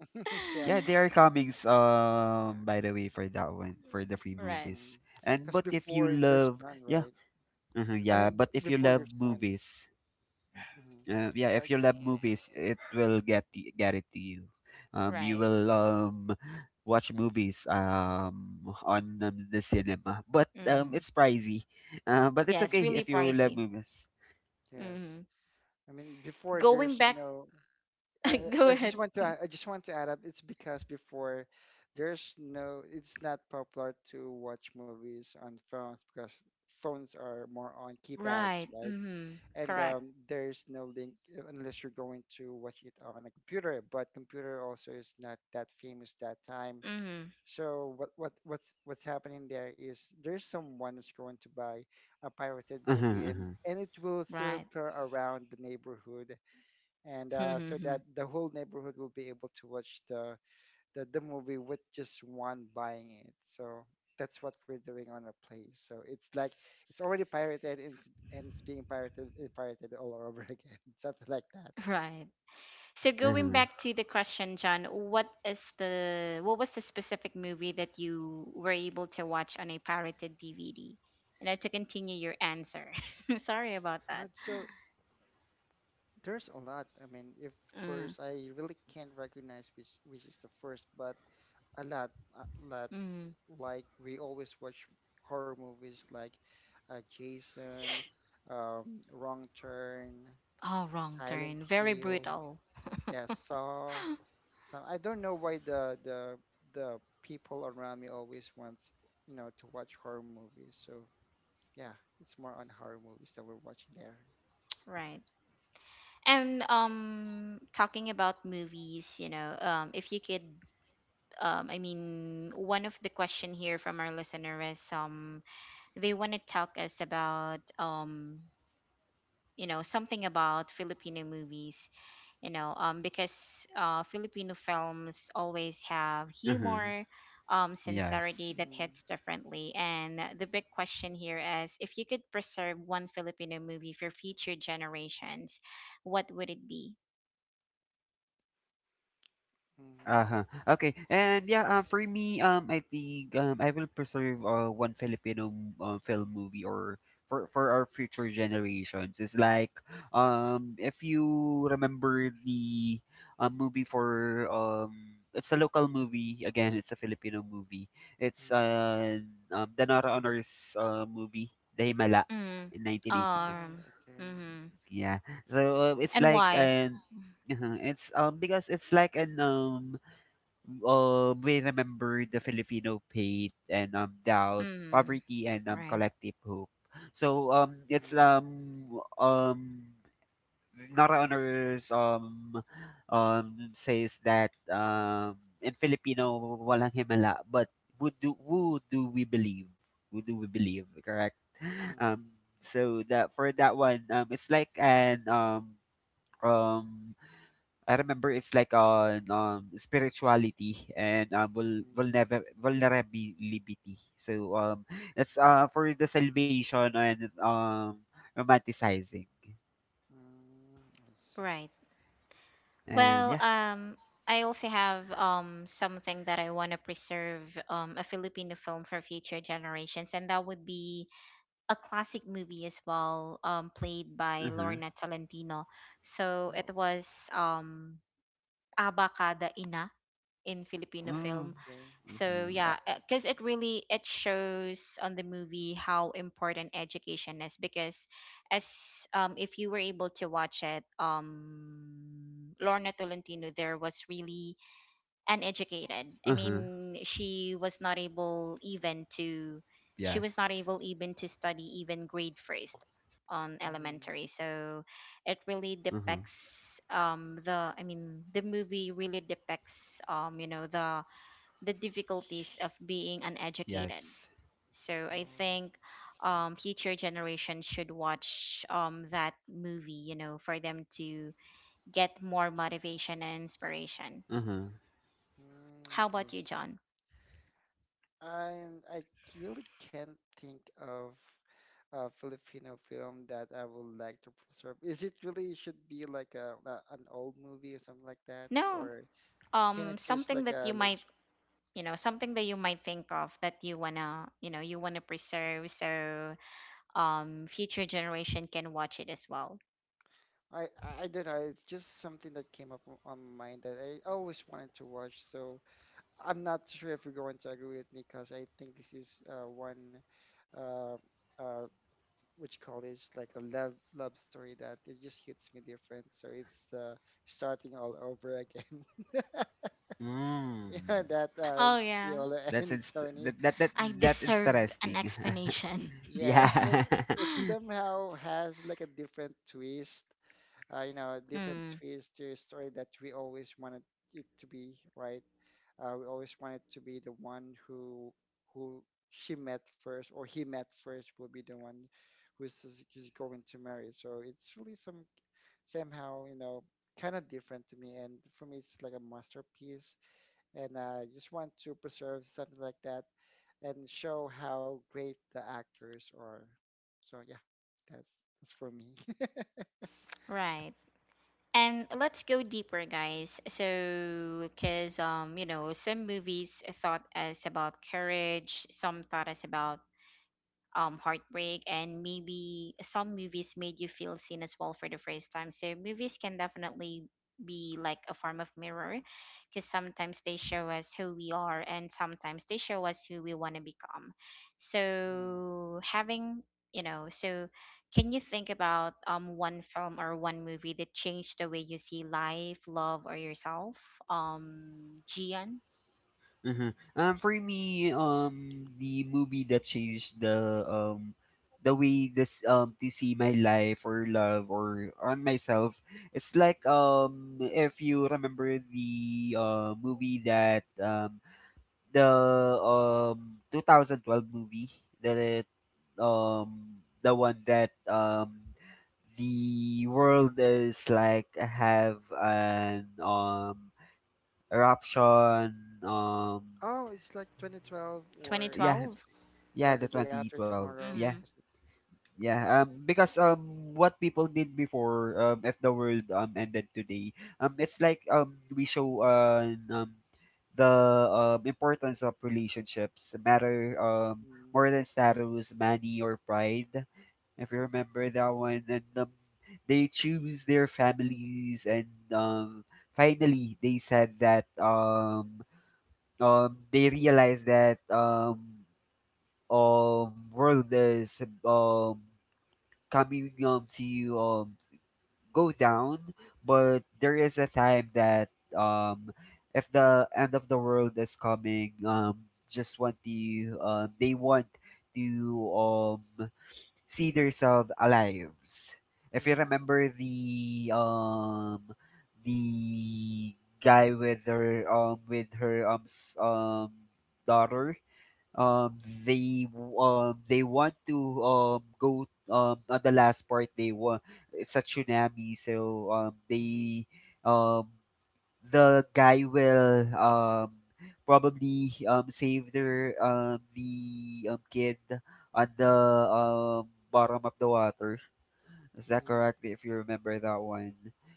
Speaker 2: yeah.
Speaker 3: Yeah, they are comings, by the way, for that one, for the free
Speaker 1: Right,
Speaker 3: movies. And
Speaker 2: Because
Speaker 3: but if you
Speaker 2: before there's
Speaker 3: love,
Speaker 2: none,
Speaker 3: yeah.
Speaker 2: right?
Speaker 3: Mhm,
Speaker 2: I
Speaker 3: yeah.
Speaker 2: mean,
Speaker 3: But if you
Speaker 2: before
Speaker 3: love
Speaker 2: there's none.
Speaker 3: movies,
Speaker 2: Hmm.
Speaker 3: yeah,
Speaker 2: Uh,
Speaker 3: if you love movies, it will get it to you. You
Speaker 1: right.
Speaker 2: mhm,
Speaker 3: will watch movies on, the cinema, but
Speaker 1: Mm-hmm.
Speaker 3: it's pricey. But it's
Speaker 1: Yeah, it's
Speaker 2: mhm,
Speaker 3: okay
Speaker 1: really
Speaker 3: if you love
Speaker 1: pricey.
Speaker 3: movies.
Speaker 2: yes.
Speaker 1: Mm-hmm.
Speaker 2: I mean, before
Speaker 1: Going
Speaker 2: there's
Speaker 1: back.
Speaker 2: no. I,
Speaker 1: Go
Speaker 2: I I just
Speaker 1: ahead.
Speaker 2: want to... I just want to add up. It's because before there's no. It's not popular to watch movies on phones because phones are more on keypads,
Speaker 1: Right.
Speaker 2: right?
Speaker 1: Mm-hmm.
Speaker 2: And
Speaker 1: Correct.
Speaker 2: there's no link, unless you're going to watch it on a computer. But computer also is not that famous that time.
Speaker 1: Mm-hmm.
Speaker 2: So what's happening there is there's someone who's going to buy a pirated
Speaker 3: Uh-huh,
Speaker 2: movie, and
Speaker 3: uh-huh,
Speaker 2: it will
Speaker 1: Right.
Speaker 2: circle around the neighborhood, and so that the whole neighborhood will be able to watch the movie with just one buying it. So that's what we're doing on our place. So it's like it's already pirated, and it's being pirated and pirated all over again, something like that.
Speaker 1: Right. So going
Speaker 3: uh-huh,
Speaker 1: back to the question, John, what was the specific movie that you were able to watch on a pirated DVD? You know, to continue your answer. Sorry about
Speaker 2: All
Speaker 1: that.
Speaker 2: right, so there's a lot. I mean, if
Speaker 1: Mm,
Speaker 2: first I really can't recognize which is the first, but a lot, a lot.
Speaker 1: mm.
Speaker 2: Like we always watch horror movies like Jason, Wrong Turn,
Speaker 1: Oh, wrong
Speaker 2: Silent
Speaker 1: turn. Very
Speaker 2: Hill,
Speaker 1: brutal.
Speaker 2: yeah, Saw. So I don't know why the people around me always wants, you know, to watch horror movies. So yeah, it's more on horror movies that we're watching there.
Speaker 1: Right. And talking about movies, you know, if you could I mean one of the question here from our listener is they want to talk us about you know something about Filipino movies, you know, because Filipino films always have
Speaker 3: uh-huh.
Speaker 1: humor, sincerity
Speaker 3: Yes.
Speaker 1: that
Speaker 2: Mm,
Speaker 1: hits differently. And the big question here is, if you could preserve one Filipino movie for future generations, what would it be?
Speaker 2: mm,
Speaker 3: Uh-huh. Okay. And yeah, for me, I think, I will preserve, one Filipino film movie or for our future generations. It's like, if you remember the, movie for, it's a local movie again. It's a Filipino movie. It's
Speaker 2: mm.
Speaker 3: The Nora Honors, movie, The Himala,
Speaker 1: Mm,
Speaker 3: in 1982.
Speaker 2: Oh,
Speaker 1: um,
Speaker 2: okay.
Speaker 1: mm,
Speaker 3: Yeah. So, it's
Speaker 1: and
Speaker 3: like
Speaker 1: why?
Speaker 3: an... Uh-huh. It's because it's like an, we remember the Filipino pain, and doubt,
Speaker 1: Mm,
Speaker 3: poverty, and
Speaker 1: right,
Speaker 3: collective hope. So, it's
Speaker 2: Mm,
Speaker 3: um Nora Honors says that in Filipino walang himala, but who do we believe? Who do we believe? Correct.
Speaker 2: mm,
Speaker 3: So that for that one, it's like an, um I remember it's like on, spirituality and,
Speaker 2: mm,
Speaker 3: vulnerability. So, it's, for the salvation and, romanticizing.
Speaker 2: mm. I see.
Speaker 1: right.
Speaker 3: And
Speaker 1: Well,
Speaker 3: yeah.
Speaker 1: I also have something that I want to preserve a Filipino film for future generations, and that would be a classic movie as well, played by
Speaker 3: Uh-huh.
Speaker 1: Lorna Tolentino. So
Speaker 2: Oh,
Speaker 1: it was um Abacada Ina in Filipino
Speaker 2: oh,
Speaker 3: Mm.
Speaker 1: film.
Speaker 2: okay.
Speaker 1: So
Speaker 3: Uh-huh.
Speaker 1: yeah, because it really it shows on the movie how important education is, because as if you were able to watch it, Lorna Tolentino there was really uneducated. I
Speaker 3: Uh-huh.
Speaker 1: mean, she was not
Speaker 3: Yes.
Speaker 1: able even to study even grade first on
Speaker 2: Mm,
Speaker 1: elementary. So it really
Speaker 3: Uh-huh.
Speaker 1: depicts the I mean the movie really depicts, you know, the difficulties of being uneducated.
Speaker 3: Yes.
Speaker 1: So I
Speaker 2: oh,
Speaker 1: think
Speaker 2: I see.
Speaker 1: future generations should watch that movie, you know, for them to get more motivation and inspiration.
Speaker 3: Uh-huh.
Speaker 2: Mm,
Speaker 1: How
Speaker 2: I
Speaker 1: about you,
Speaker 2: see.
Speaker 1: John?
Speaker 2: I I really can't think of a Filipino film that I would like to preserve. Is it really should be like a an old movie or something like that,
Speaker 1: No,
Speaker 2: or can I choose
Speaker 1: something
Speaker 2: like
Speaker 1: that
Speaker 2: a
Speaker 1: you might,
Speaker 2: latest?
Speaker 1: you know, something that you might think of that you wanna, you know, you wanna preserve so future generation can watch it as well.
Speaker 2: I don't know. It's just something that came up on my mind that I always wanted to watch. So I'm not sure if you're going to agree with me because I think this is one uh, uh, which call it like a love story that it just hits me different. So it's starting all over again.
Speaker 3: Mm.
Speaker 2: Yeah, that
Speaker 1: Oh
Speaker 2: it's
Speaker 1: yeah,
Speaker 2: Piola
Speaker 3: That's
Speaker 2: and
Speaker 3: inst-
Speaker 2: Tony.
Speaker 3: that, that that
Speaker 1: I
Speaker 3: that
Speaker 1: deserve an
Speaker 3: interesting.
Speaker 1: explanation.
Speaker 3: Yeah.
Speaker 2: Yes, because it somehow has like a different twist. A different
Speaker 1: Mm,
Speaker 2: twist to a story that we always wanted it to be, right? We always wanted to be the one who who she met first or he met first will be the one who's, who's going to marry. So it's really somehow kind of different to me, and for me it's like a masterpiece, and I just want to preserve something like that and show how great the actors are. So yeah, that's that's for me.
Speaker 1: right. And let's go deeper, guys. So, because, you know, some movies thought us about courage, some thought us about heartbreak, and maybe some movies made you feel seen as well for the first time. So movies can definitely be like a form of mirror, because sometimes they show us who we are and sometimes they show us who we want to become.
Speaker 2: Mm.
Speaker 1: So having, you know, so can you think about one film or one movie that changed the way you see life, love, or yourself? Gian?
Speaker 3: Uh-huh. For me, the movie that changed the, way this, to see my life, or love, or on myself, it's like if you remember the movie that, the, 2012 movie, that the one that, the world is like have an, eruption, um
Speaker 2: Oh, it's like 2012, or I
Speaker 3: yeah.
Speaker 2: think,
Speaker 1: 2012.
Speaker 2: or
Speaker 3: Yeah,
Speaker 2: The
Speaker 3: the
Speaker 2: Day After
Speaker 3: 2012.
Speaker 2: Tomorrow,
Speaker 3: Yeah.
Speaker 1: Mm-hmm.
Speaker 2: is it?
Speaker 3: Yeah. Because what people did before, if the world ended today, it's like we show, the, importance of relationships matter,
Speaker 2: Mm,
Speaker 3: more than status, money or pride. If you remember that one, and, they choose their families, and finally they said that, they realized that, world is, coming, to, go down. But there is a time that, um if the end of the world is coming, just want to, they want to, um see themselves alive, if you
Speaker 2: mm-hmm,
Speaker 3: remember the, the guy with her, with her, daughter, um they they want to, go, on the last part they want. It's a tsunami, so,
Speaker 2: mm-hmm,
Speaker 3: um the guy will, probably, save their, the, kid on the, um bottom of the water. Is that
Speaker 2: mm-hmm,
Speaker 3: correct? If you remember that one.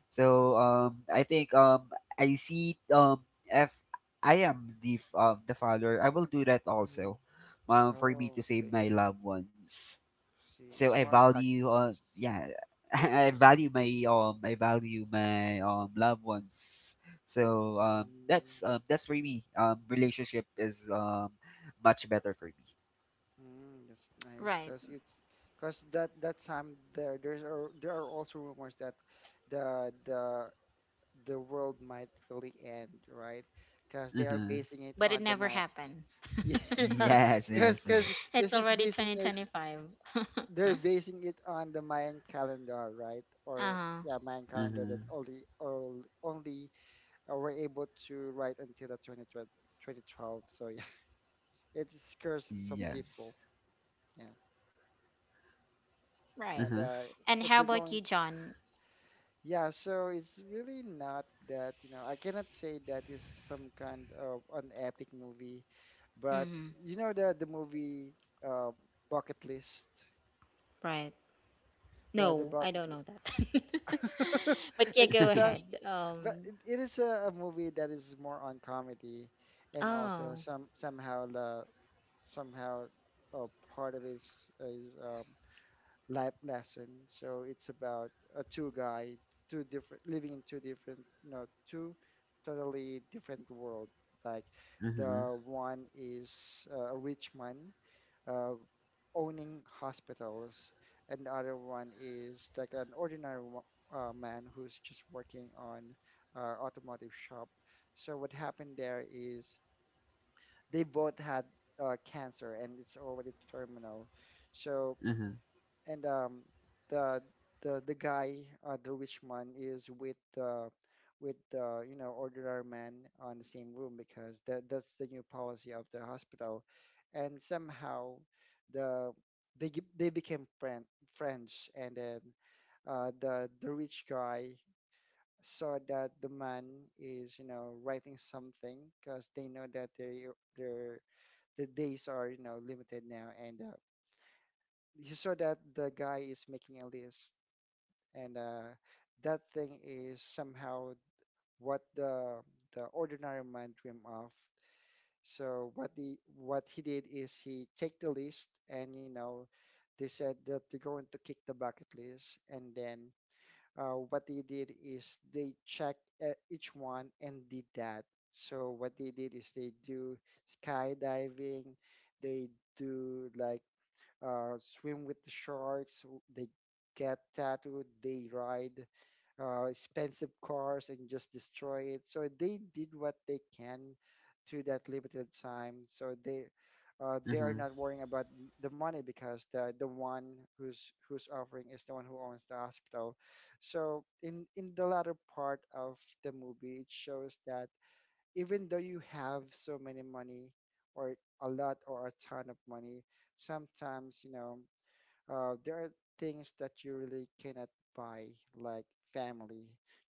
Speaker 3: So, I think, I see, if I am the, the father, I will do that
Speaker 2: mm-hmm.
Speaker 3: also, for me
Speaker 2: Oh,
Speaker 3: to save
Speaker 2: okay,
Speaker 3: my loved ones.
Speaker 2: see
Speaker 3: So
Speaker 2: it's
Speaker 3: I
Speaker 2: more on
Speaker 3: value,
Speaker 2: sacrifice.
Speaker 3: yeah, I value my loved ones. So, that's for me. Relationship is, much better for me.
Speaker 2: Mm, that's nice
Speaker 1: Right,
Speaker 2: because it's because that time there there are also rumors that the the the world might really end, right? Because they are
Speaker 3: Uh-huh.
Speaker 2: basing it
Speaker 1: but it
Speaker 2: on the
Speaker 1: never
Speaker 2: my.
Speaker 1: happened.
Speaker 2: Yeah,
Speaker 3: Yes, yes,
Speaker 2: because
Speaker 3: yes.
Speaker 1: It's
Speaker 2: this is
Speaker 1: already
Speaker 2: basing it,
Speaker 1: 2025.
Speaker 2: they're basing it on the Mayan calendar, right? Or
Speaker 1: Uh-huh.
Speaker 2: yeah, Mayan calendar that
Speaker 3: Uh-huh.
Speaker 2: only all only were able to write until the 2012, 2012. So yeah, it scares some people.
Speaker 3: Yes.
Speaker 2: Yeah,
Speaker 1: Right.
Speaker 2: and
Speaker 3: Uh-huh.
Speaker 1: And
Speaker 2: if
Speaker 1: how
Speaker 2: you're
Speaker 1: about
Speaker 2: going.
Speaker 1: you, John?
Speaker 2: Yeah, so it's really not that, you know, I cannot say that is some kind of an epic movie, but
Speaker 1: Mm-hmm.
Speaker 2: you know the movie uh, Bucket List,
Speaker 1: Right.
Speaker 2: the
Speaker 1: No, I
Speaker 2: bucket
Speaker 1: don't know that.
Speaker 2: list.
Speaker 1: But yeah,
Speaker 2: It's
Speaker 1: go
Speaker 2: about,
Speaker 1: ahead.
Speaker 2: but it is a movie that is more on comedy, and also
Speaker 1: Oh,
Speaker 2: some somehow the somehow part of it is life lesson. So it's about a two guy, two different living in two different, you know, two totally different world. Like
Speaker 3: Mhm,
Speaker 2: the one is a rich man uh, owning hospitals, and the other one is like an ordinary man who's just working on automotive shop. So what happened there is they both had cancer and it's already terminal. So
Speaker 3: mhm,
Speaker 2: and the the the guy the rich man is with the you know ordinary man on the same room because that's the new policy of the hospital and somehow the they they became friend, friends, and then the rich guy saw that the man is you know writing something because they know that their the days are you know limited now and he saw that the guy is making a list and that thing is somehow what the ordinary man dream of. So what the what he did is he take the list and you know they said that they're going to kick the bucket list, and then what they did is they check each one and did that. So what they did is they do skydiving, they do like swim with the sharks, they get tattooed, they ride expensive cars and just destroy it. So they did what they can to that limited time. So they are
Speaker 3: mhm,
Speaker 2: not worrying about the money because the one who's offering is the one who owns the hospital. So in the latter part of the movie, it shows that even though you have so many money or a lot or a ton of money, sometimes, you know, there are things that you really cannot buy, like family,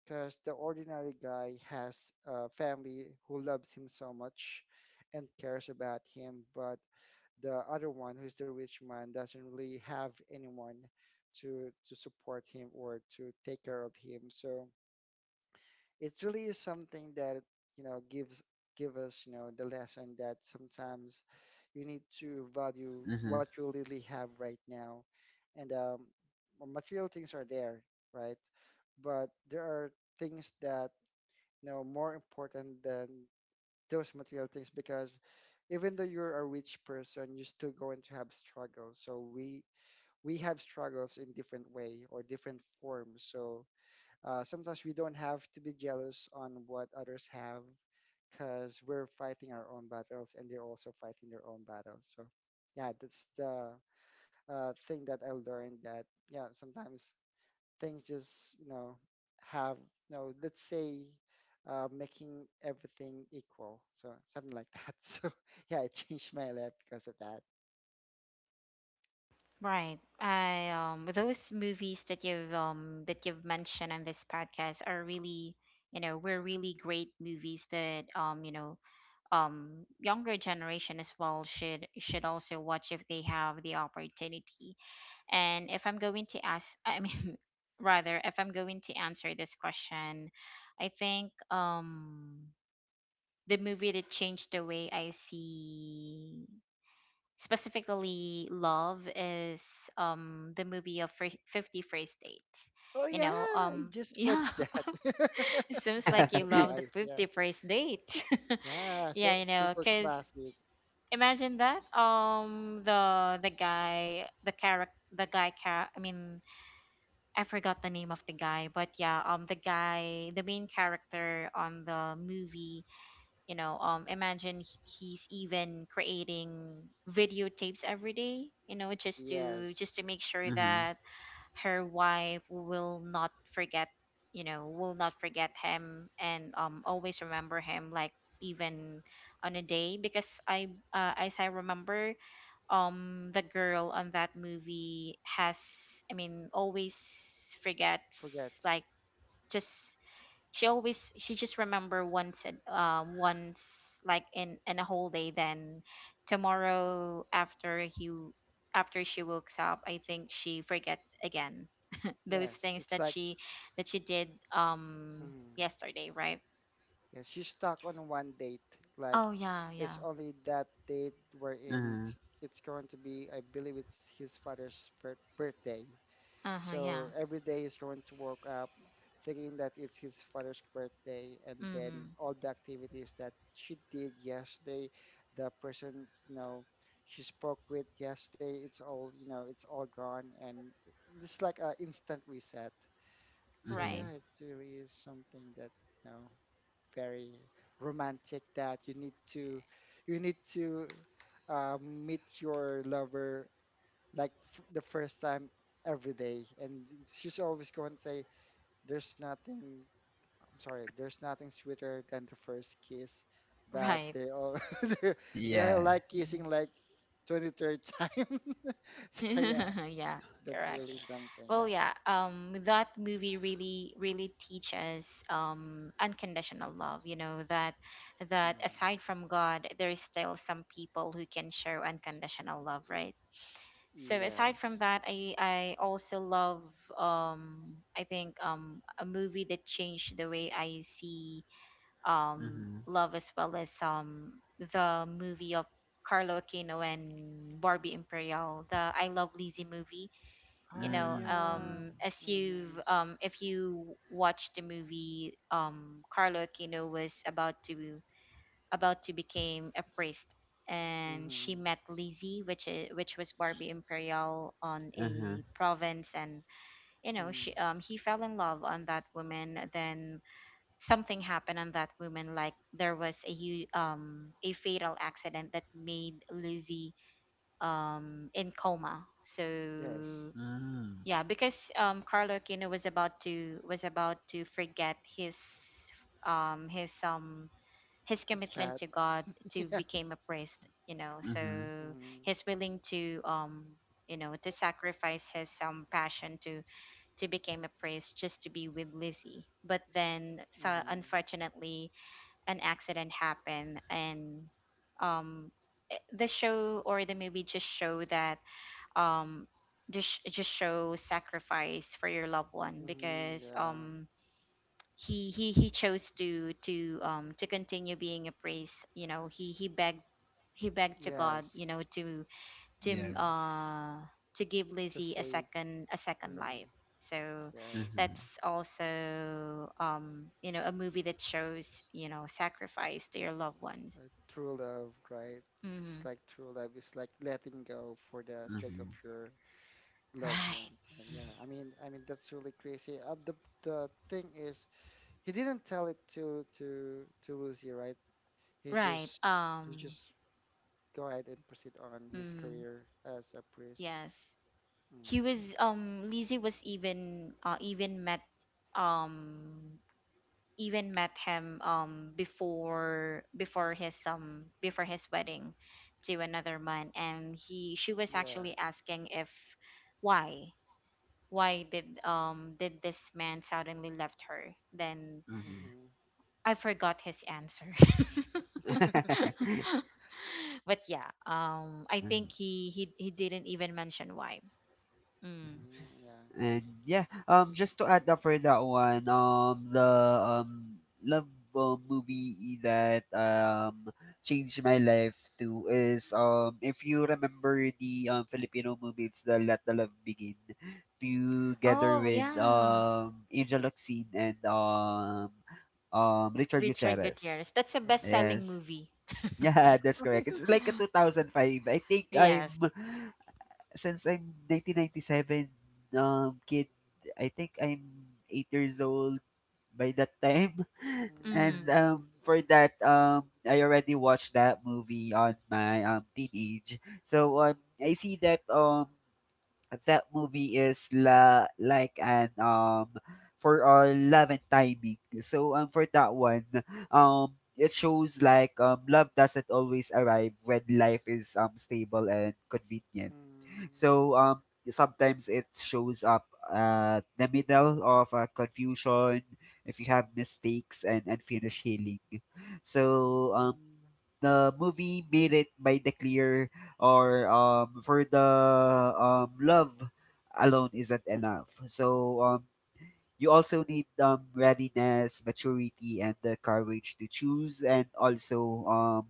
Speaker 2: because the ordinary guy has a family who loves him so much and cares about him, but the other one, who's the rich man, doesn't really have anyone to support him or to take care of him. So it really is something that you know gives give us you know the lesson that sometimes you need to value what
Speaker 3: mhm.
Speaker 2: you really have right now, and well, material things are there, right, but there are things that you know more important than those material things because even though you're a rich person you're still going to have struggles, so we have struggles in different way or different forms, so sometimes we don't have to be jealous on what others have because we're fighting our own battles and they're also fighting their own battles. So, yeah, that's the thing that I learned that, yeah, sometimes things just, you know, have, you know, let's say, making everything equal. So, something like that. So, yeah, I changed my life because of that.
Speaker 1: right. I those movies that you've mentioned on this podcast are really, you know, were really great movies that, you know, younger generation as well should also watch if they have the opportunity. And if I'm going to ask, I mean, rather, if I'm going to answer this question, I think the movie that changed the way I see specifically love is the movie of 50 First Dates.
Speaker 2: Oh,
Speaker 1: You
Speaker 2: yeah,
Speaker 1: know,
Speaker 2: I just
Speaker 1: yeah,
Speaker 2: watched that.
Speaker 1: it seems
Speaker 2: Now I'm
Speaker 1: like you love the
Speaker 2: surprised. Yeah.
Speaker 1: 50 First Date.
Speaker 2: Yeah,
Speaker 1: Yeah,
Speaker 2: so
Speaker 1: you know,
Speaker 2: super
Speaker 1: because
Speaker 2: classic.
Speaker 1: imagine that the guy the character the guy ca- I mean I forgot the name of the guy, but yeah, the guy, the main character on the movie, you know, imagine he's even creating videotapes every day, you know, just
Speaker 2: Yes,
Speaker 1: to make sure
Speaker 3: Mhm,
Speaker 1: that her wife will not forget, you know, will not forget him and always remember him, like even on a day because as I remember, the girl on that movie has, I mean, always forgets,
Speaker 2: forgets.
Speaker 1: like just she always she just remember once a- once like in a whole day, then tomorrow after he after she wakes up I think she forget again those
Speaker 2: Yes,
Speaker 1: things
Speaker 2: it's like,
Speaker 1: that she did um
Speaker 2: mm,
Speaker 1: yesterday, right?
Speaker 2: yes, she's stuck on one date. Like,
Speaker 1: Oh yeah,
Speaker 2: it's
Speaker 1: yeah.
Speaker 2: only that date wherein
Speaker 3: mhm,
Speaker 2: it's going to be, I believe it's his birthday.
Speaker 1: Uh-huh,
Speaker 2: So
Speaker 1: yeah.
Speaker 2: every day is going to wake up thinking that it's his father's birthday, and then
Speaker 1: Mm-hmm.
Speaker 2: all the activities that she did yesterday, the person, you know, she spoke with yesterday, it's all, you know, it's all gone, and it's like a instant reset. So
Speaker 1: Right,
Speaker 2: yeah,
Speaker 3: mhm.
Speaker 2: it really is something that you know very romantic that you need to meet your lover like the first time every day, and she's always going to say, "There's nothing." I'm sorry, there's nothing sweeter than the first kiss, but
Speaker 1: right.
Speaker 2: they all they're- they are
Speaker 3: Yeah.
Speaker 2: like kissing
Speaker 1: Mhm.
Speaker 2: like 23rd time. So yeah,
Speaker 1: Yeah,
Speaker 2: that's
Speaker 1: correct.
Speaker 2: really something.
Speaker 1: Well,
Speaker 2: Yeah.
Speaker 1: yeah, that movie really, really teaches unconditional love. You know that, that
Speaker 2: Mhm.
Speaker 1: aside from God, there is still some people who can show unconditional love, right? So aside from
Speaker 2: Yes.
Speaker 1: that, I also love I think a movie that changed the way I see
Speaker 3: Mhm,
Speaker 1: love as well as the movie of Carlo Aquino and Barbie Imperial, the I Love Lizzie movie. You
Speaker 2: Oh
Speaker 1: know,
Speaker 3: mm,
Speaker 2: yeah.
Speaker 3: mm.
Speaker 1: as you've
Speaker 2: Mhm.
Speaker 1: if you watch the movie, Carlo Aquino was about to become a priest, and she
Speaker 2: Mhm.
Speaker 1: met Lizzie, which is which was Barbie Imperial, on
Speaker 3: Mhm,
Speaker 1: a province. And you know, she
Speaker 2: Mhm.
Speaker 1: he fell in love on that woman. Then something happened on that woman, like there was a a fatal accident that made Lizzie in coma. So
Speaker 2: Yes.
Speaker 3: mm,
Speaker 1: yeah, because Carlo Aquino was about to forget his um his um his
Speaker 2: It's
Speaker 1: commitment
Speaker 2: Pat.
Speaker 1: to God to
Speaker 2: Yeah.
Speaker 1: become a priest, you know. So
Speaker 3: mhm.
Speaker 2: Mhm.
Speaker 1: he's willing to you know to sacrifice his passion to become a priest just to be with Lizzie. But then so
Speaker 2: Mhm.
Speaker 1: unfortunately an accident happened and um the show or the movie just show that um just show sacrifice for your loved one,
Speaker 2: Mhm.
Speaker 1: because
Speaker 2: Yeah.
Speaker 1: he chose to to continue being a priest. You know, he begged, he begged to God, you
Speaker 2: Yes.
Speaker 1: know, to to
Speaker 3: Yes.
Speaker 1: uh to give
Speaker 2: Just
Speaker 1: Lizzie
Speaker 2: save.
Speaker 1: a second
Speaker 2: Mhm.
Speaker 1: life. So
Speaker 2: Yes.
Speaker 3: Mhm,
Speaker 1: that's also, you know, a movie that shows, you know, sacrifice to your loved ones.
Speaker 2: True love, right? It's
Speaker 1: Hmm.
Speaker 2: like true love. It's like letting go for the sake of
Speaker 3: mhm,
Speaker 2: your loved one.
Speaker 1: Right.
Speaker 2: Yeah. I mean that's really crazy. The thing is, he didn't tell it to Lucy, right? He
Speaker 1: Right.
Speaker 2: just he
Speaker 1: Um,
Speaker 2: just go ahead and proceed on his
Speaker 1: mm,
Speaker 2: career as a priest.
Speaker 1: yes, he
Speaker 2: Mm,
Speaker 1: was Lizzie was even um even met him before his before his wedding to another man. And he she was
Speaker 2: yeah. Yeah.
Speaker 1: actually asking if why why did this man suddenly left her. Then
Speaker 3: mhm.
Speaker 2: Mm-hmm.
Speaker 1: I forgot his answer. But yeah, I think
Speaker 3: Mhm.
Speaker 1: he didn't even mention why. Mm.
Speaker 2: Mm, yeah.
Speaker 3: And yeah, just to add up for that one, the um love, movie that changed my life too is, if you remember the Filipino movie, it's the Let the Love Begin, together
Speaker 1: Oh
Speaker 3: with
Speaker 1: yeah,
Speaker 3: Angel Locsin and Richard
Speaker 1: Richard
Speaker 3: Gutierrez.
Speaker 1: Gutierrez. That's a
Speaker 2: Oh,
Speaker 1: best-selling
Speaker 3: Yes.
Speaker 1: movie.
Speaker 3: Yeah, that's correct. It's
Speaker 2: really?
Speaker 3: like a 2005. I think I'm,
Speaker 1: Yes.
Speaker 3: since I'm 1997 kid, I think I'm 8 years old by that time. And
Speaker 1: Mm,
Speaker 2: Mm, mm,
Speaker 3: for that, I already watched that movie on my teenage. So I see that that movie is like an, for love and timing. So for that one, it shows like, love doesn't always arrive when life is stable and convenient.
Speaker 2: mm,
Speaker 3: So sometimes it shows up at the middle of confusion, if you have mistakes and unfinished healing. So
Speaker 2: mm,
Speaker 3: the movie made it by the clear, or for the love alone isn't enough. So you also need readiness, maturity, and the courage to choose, and also um,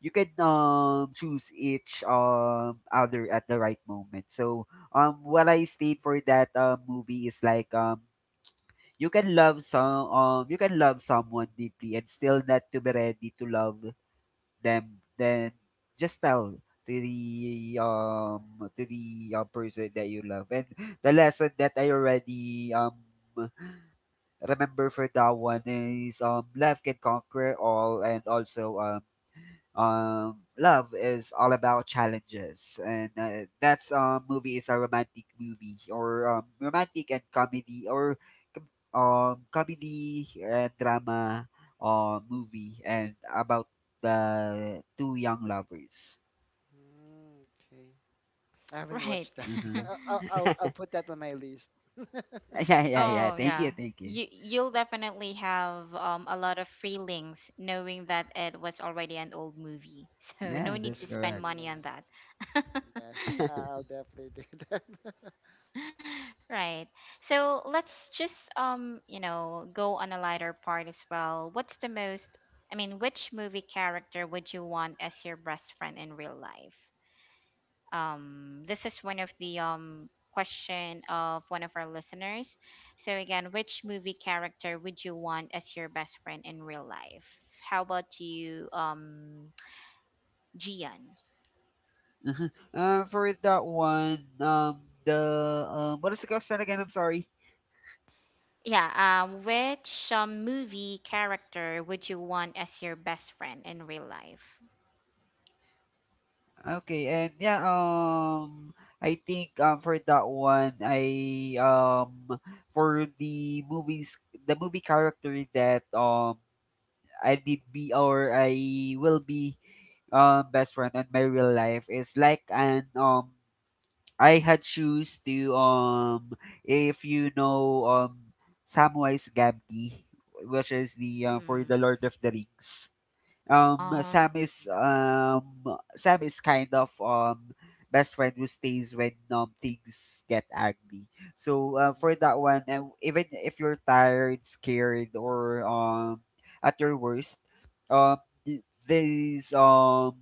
Speaker 3: you can choose each other at the right moment. So what I stayed for that movie is like, you can love someone deeply and still not to be ready to love them. Then just tell to the person that you love. And the lesson that I already remember for that one is, love can conquer all, and also love is all about challenges. And that's movie is a romantic movie, or romantic and comedy, or comedy and drama movie, and about the two young lovers.
Speaker 2: mm, okay. I haven't
Speaker 1: right.
Speaker 2: watched that.
Speaker 3: Uh-huh.
Speaker 2: I'll put that on my list.
Speaker 3: Yeah, yeah, yeah,
Speaker 1: Oh,
Speaker 3: thank you,
Speaker 1: yeah.
Speaker 3: thank you.
Speaker 1: You you'll definitely have a lot of feelings knowing that it was already an old movie. So no
Speaker 3: Yeah,
Speaker 1: need
Speaker 3: that's
Speaker 1: to spend
Speaker 3: correct.
Speaker 2: Mhm,
Speaker 1: money on
Speaker 2: yeah.
Speaker 1: that.
Speaker 2: Yes, I'll definitely do that.
Speaker 1: Right. So let's just, you know, go on a lighter part as well. What's the most I mean, which movie character would you want as your best friend in real life? This is one of the question of one of our listeners. So again, which movie character would you want as your best friend in real life? How about you, Gian?
Speaker 3: uh for that one, the what is the question again, I'm sorry.
Speaker 1: Yeah, which movie character would you want as your best friend in real life?
Speaker 3: Okay, and yeah, I think for that one, I for the movies, the movie character that I did be or I will be best friend in my real life is like an, I had shoes to, if you know Samwise Gamgee, which is the for the
Speaker 1: Mm.
Speaker 3: Lord of the Rings. um
Speaker 1: Um,
Speaker 3: Sam is
Speaker 2: Mhm,
Speaker 3: um Sam is kind of best friend who stays when things get ugly. So for that
Speaker 2: mhm,
Speaker 3: one, and even if you're tired, scared, or at your worst, um th- these um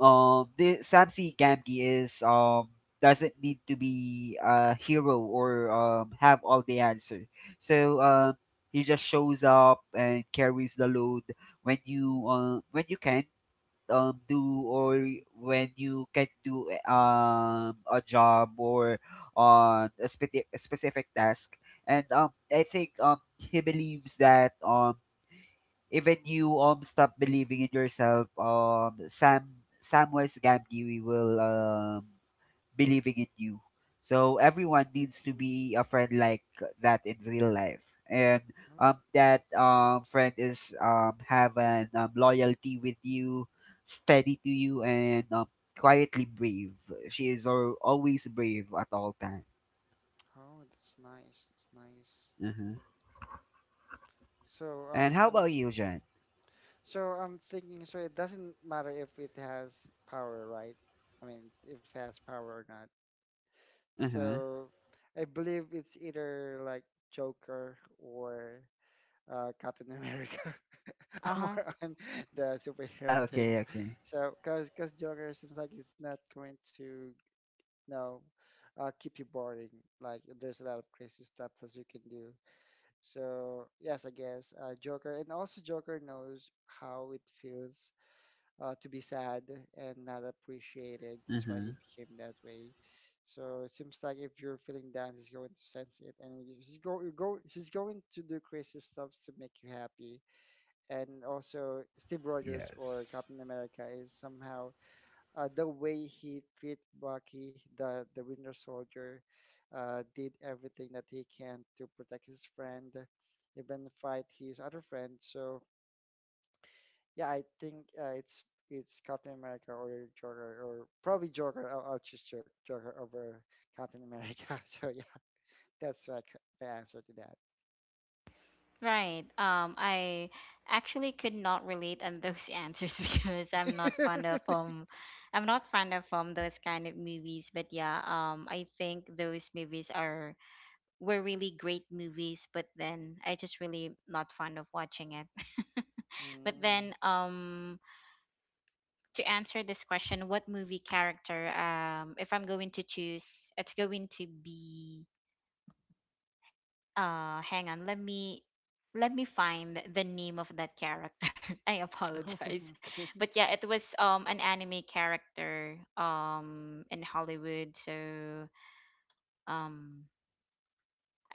Speaker 3: the Samsi Gamgee is, doesn't need to be a hero or have all the answer. So he just shows up and carries the load when you, when you can do or when you can do a job or on a, a specific task. And I think he believes that even you stop believing in yourself, Sam Samwise Gamgee will believing in you. So everyone needs to
Speaker 2: mhm.
Speaker 3: be a friend like that in real life, and
Speaker 2: Oh,
Speaker 3: that friend is have an, loyalty with you, steady to you, and quietly brave. She is always brave at all time.
Speaker 2: oh, that's nice. That's nice.
Speaker 3: Uh-huh.
Speaker 2: So,
Speaker 3: And how
Speaker 2: I'm.
Speaker 3: about you, Jen?
Speaker 2: So I'm thinking, so it doesn't matter if it has power, right? I mean, if it has power or not.
Speaker 3: Uh-huh.
Speaker 2: So I believe it's either like Joker or Captain America. I'm
Speaker 1: uh-huh.
Speaker 2: more on the superhero things.
Speaker 3: Okay, okay.
Speaker 2: So, cause Joker seems like it's not going to, you know, keep you boring. Like there's a lot of crazy stuff that you can do. So yes, I guess Joker, and also Joker knows how it feels to be sad and not appreciated. That's why he
Speaker 3: Uh-huh.
Speaker 2: became that way. So it seems like if you're feeling down, he's going to sense it, and you- he's go you go he's going to do crazy stuffs to make you happy. And also, Steve Rogers or
Speaker 3: Yes.
Speaker 2: Captain America is somehow the way he treat Bucky, the Winter Soldier, did everything that he can to protect his friend, even fight his other friend. So yeah, I think it's Captain America or Joker or probably Joker. I'll choose Joker over Captain America. So yeah, that's like the answer to that.
Speaker 1: Right. I actually could not relate on those answers, because I'm not fond of those kind of movies. But yeah, I think those movies are were really great movies. But then I just really not fond of watching it. But
Speaker 2: Mm.
Speaker 1: then, to answer this question, what movie character, if I'm going to choose, it's going to be hang on, let me find the name of that character. I apologize.
Speaker 2: Okay.
Speaker 1: But yeah, it was an anime character in Hollywood. So um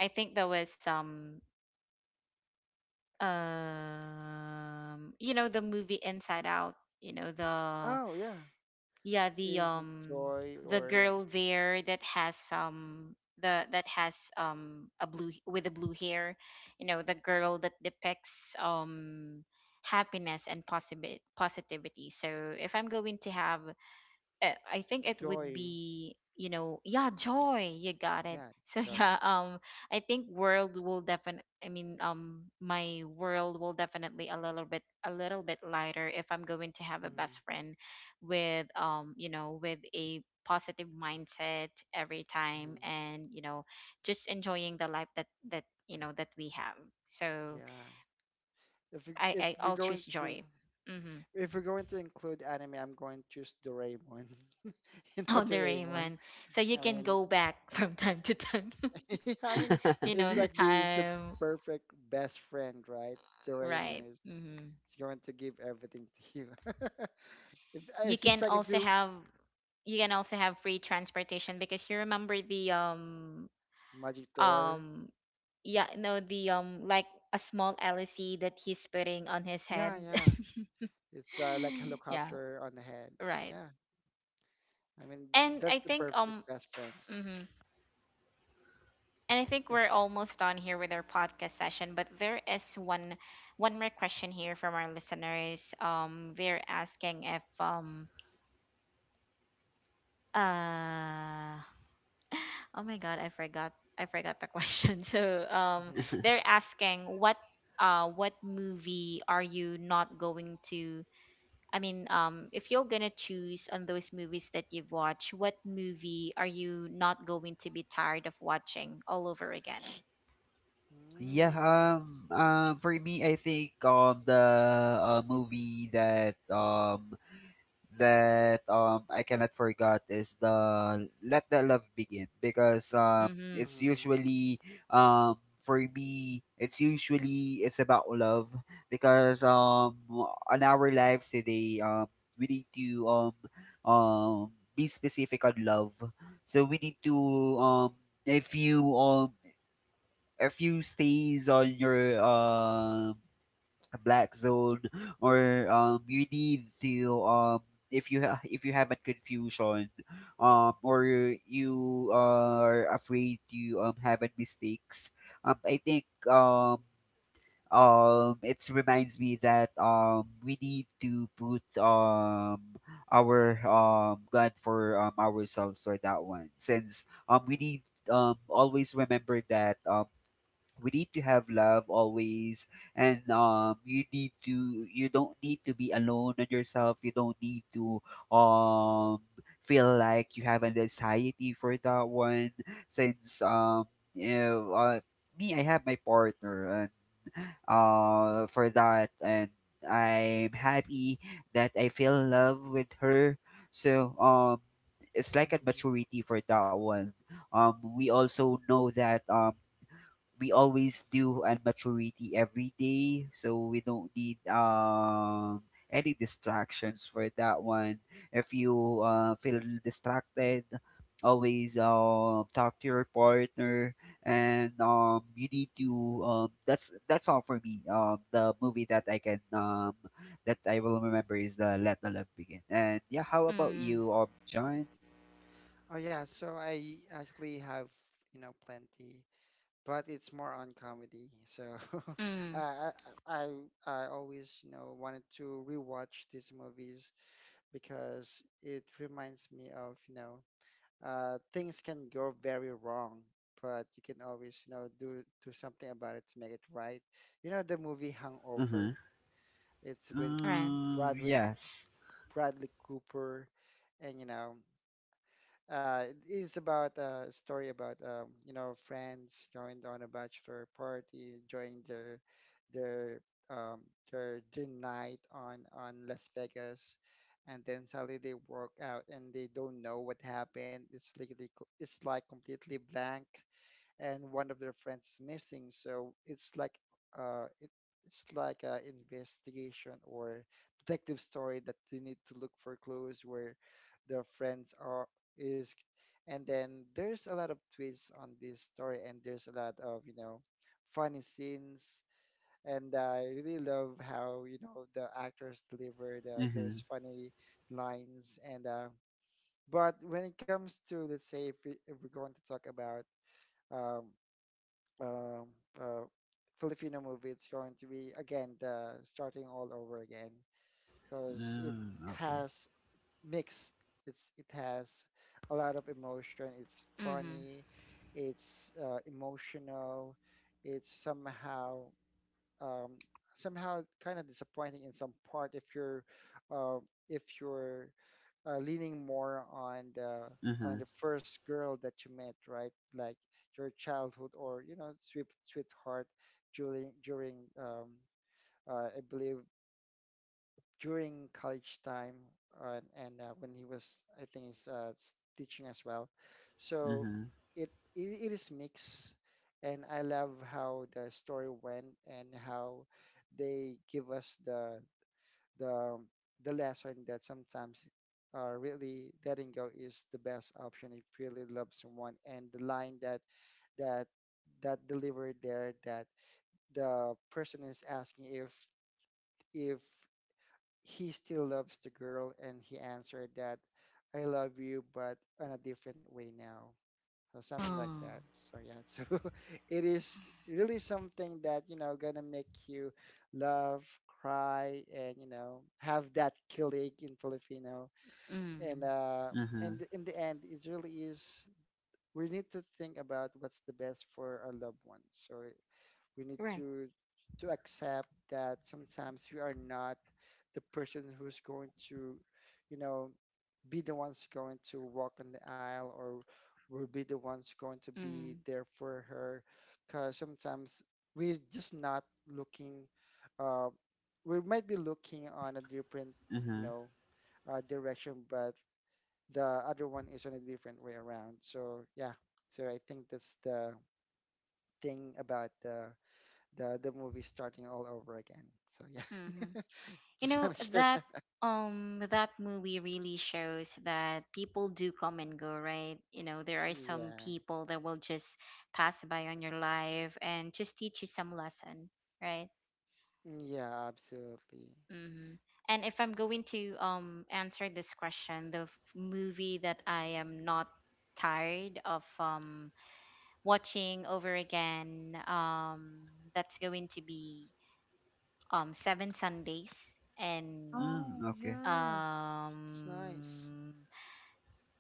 Speaker 1: I think there was some you know the movie Inside Out, you know the,
Speaker 2: Oh yeah,
Speaker 1: yeah, the,
Speaker 2: is it joy
Speaker 1: the
Speaker 2: or
Speaker 1: girl there that has the that has a blue with a blue hair, you know, the girl that depicts happiness and positivity. So if I'm going to have, I think it would
Speaker 2: joy?
Speaker 1: be, you know, yeah, Joy. You got it.
Speaker 2: Yeah, it's
Speaker 1: So
Speaker 2: joy.
Speaker 1: yeah, I think world will definitely. I mean, my world will definitely a little bit lighter if I'm going to have a
Speaker 2: Mm,
Speaker 1: best friend with, with a positive mindset every
Speaker 2: mhm.
Speaker 1: time, just enjoying the life that that you know that we have. So
Speaker 2: Yeah. If we,
Speaker 1: I,
Speaker 2: if
Speaker 1: I
Speaker 2: we're
Speaker 1: I'll
Speaker 2: going
Speaker 1: choose
Speaker 2: to
Speaker 1: joy. Mm-hmm.
Speaker 2: if we're going to include anime, I'm going to choose Doraemon. You know
Speaker 1: Oh, the
Speaker 2: Doraemon.
Speaker 1: Raymond. So you
Speaker 2: I
Speaker 1: can
Speaker 2: mean,
Speaker 1: go back from time to time.
Speaker 2: I mean, it's
Speaker 1: The
Speaker 2: like the is the
Speaker 1: time,
Speaker 2: perfect best friend, right? So Raymond
Speaker 1: right? Hmm.
Speaker 2: is going to give everything to you. If
Speaker 1: You
Speaker 2: it seems
Speaker 1: can
Speaker 2: like if
Speaker 1: also
Speaker 2: you
Speaker 1: have you can also have free transportation because you remember the
Speaker 2: magic door,
Speaker 1: um yeah no the um, like a small LC that he's putting on his
Speaker 2: yeah,
Speaker 1: head.
Speaker 2: yeah, it's like
Speaker 1: Yeah,
Speaker 2: helicopter on the head.
Speaker 1: right.
Speaker 2: Yeah, I mean
Speaker 1: And
Speaker 2: that's
Speaker 1: I
Speaker 2: the
Speaker 1: think
Speaker 2: perfect best friend.
Speaker 1: mhm. And I think we're
Speaker 2: Yes.
Speaker 1: almost done here with our podcast session, but there is one more question here from our listeners. They're asking if uh oh my god, I forgot the question.
Speaker 2: Mm-hmm.
Speaker 1: They're asking what what movie are you not going to? I mean, if you're gonna choose on those movies that you've watched, what movie are you not going to be tired of watching all over again?
Speaker 3: Yeah,
Speaker 2: Mm-hmm.
Speaker 3: for me, I think the movie that, I cannot forget is the Let the Love Begin, because
Speaker 1: Mm-hmm.
Speaker 3: it's
Speaker 2: Mm-hmm.
Speaker 3: usually, for me it's usually it's about love. Because on our lives today we need to be specific on love, so we need to um if you a few stays on your black zone, or you need to if you if you have a confusion or you are afraid to have a mistakes, I think it reminds me that we need to put our gun for ourselves for that one, since we
Speaker 2: Mm-hmm.
Speaker 3: need always remember that we need to have love always. And you need to, you don't need to be alone on yourself, you don't need to um feel like you have an anxiety for that one, since you know, uh, me, I have my partner. And for that, and I'm happy that I feel in love with her. So it's like a
Speaker 2: Mm-hmm. Mm-hmm.
Speaker 3: maturity for that one. We also know that we always do and maturity every day, so we don't need any distractions for that one. If
Speaker 2: Mm-hmm.
Speaker 3: you feel distracted, always talk to your partner. And you need to, that's all for me. The movie that I can that I will remember is the Let the Love Begin. And yeah, how about
Speaker 1: Mm.
Speaker 3: you, John?
Speaker 2: Oh yeah, so I actually have, you know, plenty, but it's more on comedy. So
Speaker 1: Mm.
Speaker 2: I, I I I always you know wanted to rewatch these movies because it reminds me of you know things can go very wrong, but you can always you know do something about it to make it right. You know the movie
Speaker 3: Mm-hmm.
Speaker 2: Hangover. It's with
Speaker 1: Right.
Speaker 3: Mm,
Speaker 2: Bradley
Speaker 3: yes.
Speaker 2: Bradley Cooper, and you know. It's about a story about you know friends going on a bachelor party, enjoying their their um, their gin night on Las Vegas, and then suddenly they walk out and they don't know what happened. It's like it's like completely blank, and one of their friends is missing. So it's like uh, it, it's like an investigation or detective story that they need to look for clues where their friends are is, and then there's a lot of twists on this story, and there's a lot of you know funny scenes. And I really love how you know the actors delivered
Speaker 3: Mm-hmm.
Speaker 2: those funny lines. And but when it comes to let's say if we're going to talk about um, um, uh, Filipino movie, it's going to be again the starting all over again because it
Speaker 3: Mm, okay.
Speaker 2: has mixed. It has a lot of emotion. It's
Speaker 1: Mm-hmm.
Speaker 2: funny, it's emotional, it's somehow um, somehow kind of disappointing in some part uh, if you're leaning more on the
Speaker 3: Mm-hmm.
Speaker 2: first girl that you met, right? Like your childhood or you know sweetheart during during I believe during college time and when he was I think he's teaching as well. So
Speaker 3: Mhm,
Speaker 2: it, it it is mixed, and I love how the story went and how they give us the the the lesson that sometimes really letting go is the best option if you really love someone, and the line that that delivered there that the person is asking if if he still loves the girl, and he answered that I love you but in a different way now or something like
Speaker 1: Oh,
Speaker 2: that. So yeah, so it is really something that you know gonna make you love, cry, and you know have that kilig in Filipino.
Speaker 1: mm.
Speaker 2: And uh,
Speaker 3: mhm,
Speaker 2: and in the end, it really is. We need to think about what's the best for our loved ones. So we need
Speaker 1: Right.
Speaker 2: to accept that sometimes we are not the person who's going to, you know, be the ones going to walk in the aisle or will be the ones going to be
Speaker 1: Mm.
Speaker 2: there for her because sometimes we're just not looking uh, we might be looking on a different you
Speaker 3: mhm.
Speaker 2: know direction, but the other one is on a different way around, so yeah, so I think that's the thing about the the movie starting all over again. So yeah,
Speaker 1: Mm-hmm. You
Speaker 2: just
Speaker 1: know
Speaker 2: want to share
Speaker 1: that
Speaker 2: that.
Speaker 1: that movie really shows that people do come and go, right? You know, there are some
Speaker 2: Yeah,
Speaker 1: people that will just pass by on your life and just teach you some lesson, right?
Speaker 2: yeah, absolutely.
Speaker 1: Mm-hmm. And if I'm going to answer this question, the movie that I am not tired of watching over again. That's going to be seven Sundays and
Speaker 3: Mm,
Speaker 2: Oh
Speaker 3: okay.
Speaker 2: yeah. It's nice.
Speaker 1: um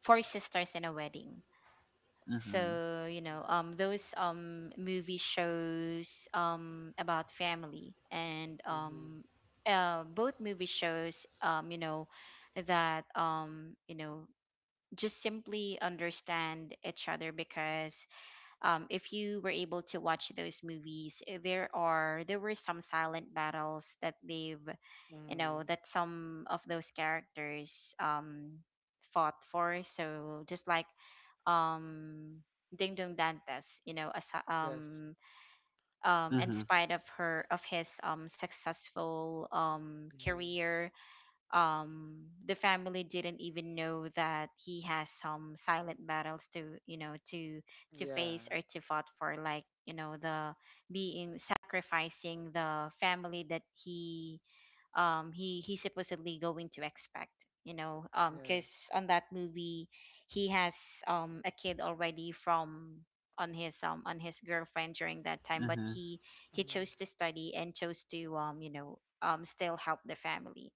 Speaker 1: four sisters and a wedding.
Speaker 3: Mhm,
Speaker 1: So you
Speaker 2: Mm-hmm.
Speaker 1: know those movie shows about family and
Speaker 2: Mm-hmm.
Speaker 1: both movie shows you know that you know just simply understand each other because if you were able to watch those movies, eh, there were some silent battles that they've you know that some of those characters fought for. So just like um Ding Dong Dantes, you know, as,
Speaker 2: Yes.
Speaker 1: um um in
Speaker 3: mhm,
Speaker 1: spite of her of his successful
Speaker 2: Mm-hmm.
Speaker 1: career the family didn't even know that he has some silent battles to you know to
Speaker 2: Yeah.
Speaker 1: face or to fought for like you know the being sacrificing the family that he he supposedly going to expect you know because
Speaker 2: Yes.
Speaker 1: on that movie he has a kid already from on his girlfriend during that time but
Speaker 3: mhm,
Speaker 1: he
Speaker 2: Mm-hmm.
Speaker 1: chose to study and chose to still help the family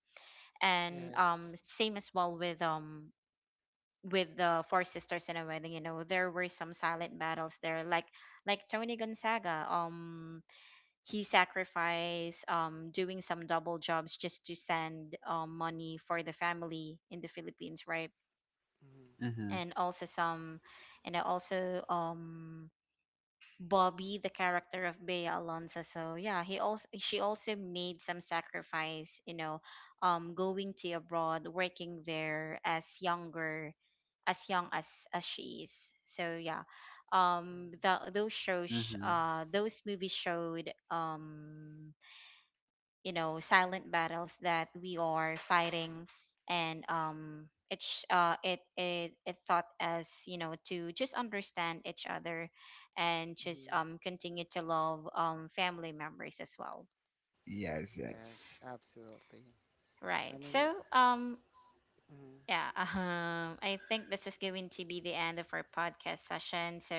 Speaker 1: and
Speaker 2: Yes.
Speaker 1: same as well with the four sisters in a wedding, you know, there were some silent battles there, like Tony Gonzaga, he sacrificed doing some double jobs just to send money for the family in the Philippines, right?
Speaker 2: Mm-hmm.
Speaker 3: mhm,
Speaker 1: And also some and also Bobby, the character of Bea Alonso. So yeah, he also she also made some sacrifice, you know, going to abroad, working there as younger, as young as she is. So yeah, those shows,
Speaker 3: mhm.
Speaker 1: those movies showed you know silent battles that we are fighting, and it it taught us you know to just understand each other and just
Speaker 2: Mm-hmm.
Speaker 1: continue to love family members as well,
Speaker 3: Yes,
Speaker 2: Yes,
Speaker 3: yes,
Speaker 2: absolutely. I
Speaker 1: right?
Speaker 2: mean,
Speaker 1: So
Speaker 2: mhm.
Speaker 1: yeah, I think this is going to be the end of our podcast session, so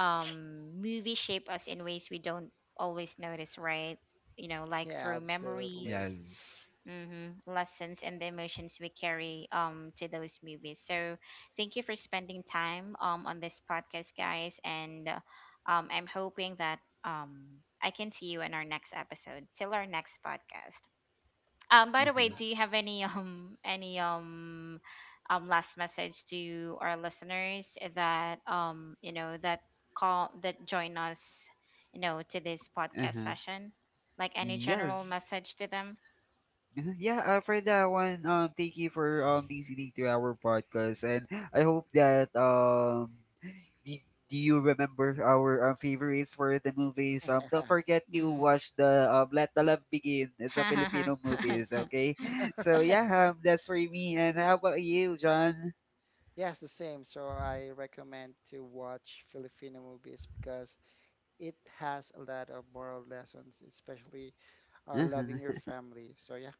Speaker 1: movies shape us in ways we don't always notice, right? You know, like
Speaker 2: Yeah,
Speaker 1: through
Speaker 2: absolutely.
Speaker 1: memories,
Speaker 3: yes.
Speaker 1: hmm, lessons, and the emotions we carry to those movies. So thank you for spending time on this podcast, guys, and I'm hoping that I can see you in our next episode. Till our next podcast. By the
Speaker 3: Mhm,
Speaker 1: way, do you have any any last message to our listeners that call that join us you know to this podcast
Speaker 3: mhm.
Speaker 1: session, like any general
Speaker 3: Yes.
Speaker 1: message to them?
Speaker 3: Mhm. Yeah, for that one, thank you for listening to our podcast, and I hope that do, do you remember our favorites for the movies?
Speaker 2: Right.
Speaker 3: Don't forget to
Speaker 1: Mhm.
Speaker 3: watch the, Let the Love Begin. It's a Filipino movies, okay? So yeah, that's for me. And how about you, John?
Speaker 2: Yes, the same. So I recommend to watch Filipino movies because it has a lot of moral lessons, especially loving your family. So yeah,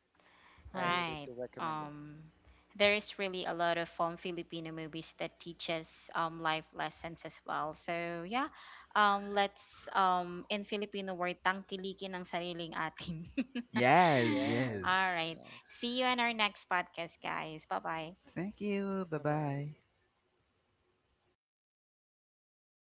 Speaker 2: I really
Speaker 3: Yes.
Speaker 1: Right.
Speaker 2: do recommend it.
Speaker 1: Um, there is really a lot of Filipino movies that teaches life lessons as well. So yeah, let's in Filipino word tangkilikin ang sariling atin.
Speaker 3: Yes,
Speaker 2: Yes,
Speaker 1: All
Speaker 3: yes.
Speaker 1: right.
Speaker 2: yes.
Speaker 1: See you in our next podcast, guys. Bye bye.
Speaker 3: Thank you. Bye
Speaker 2: Bye-bye.
Speaker 3: bye.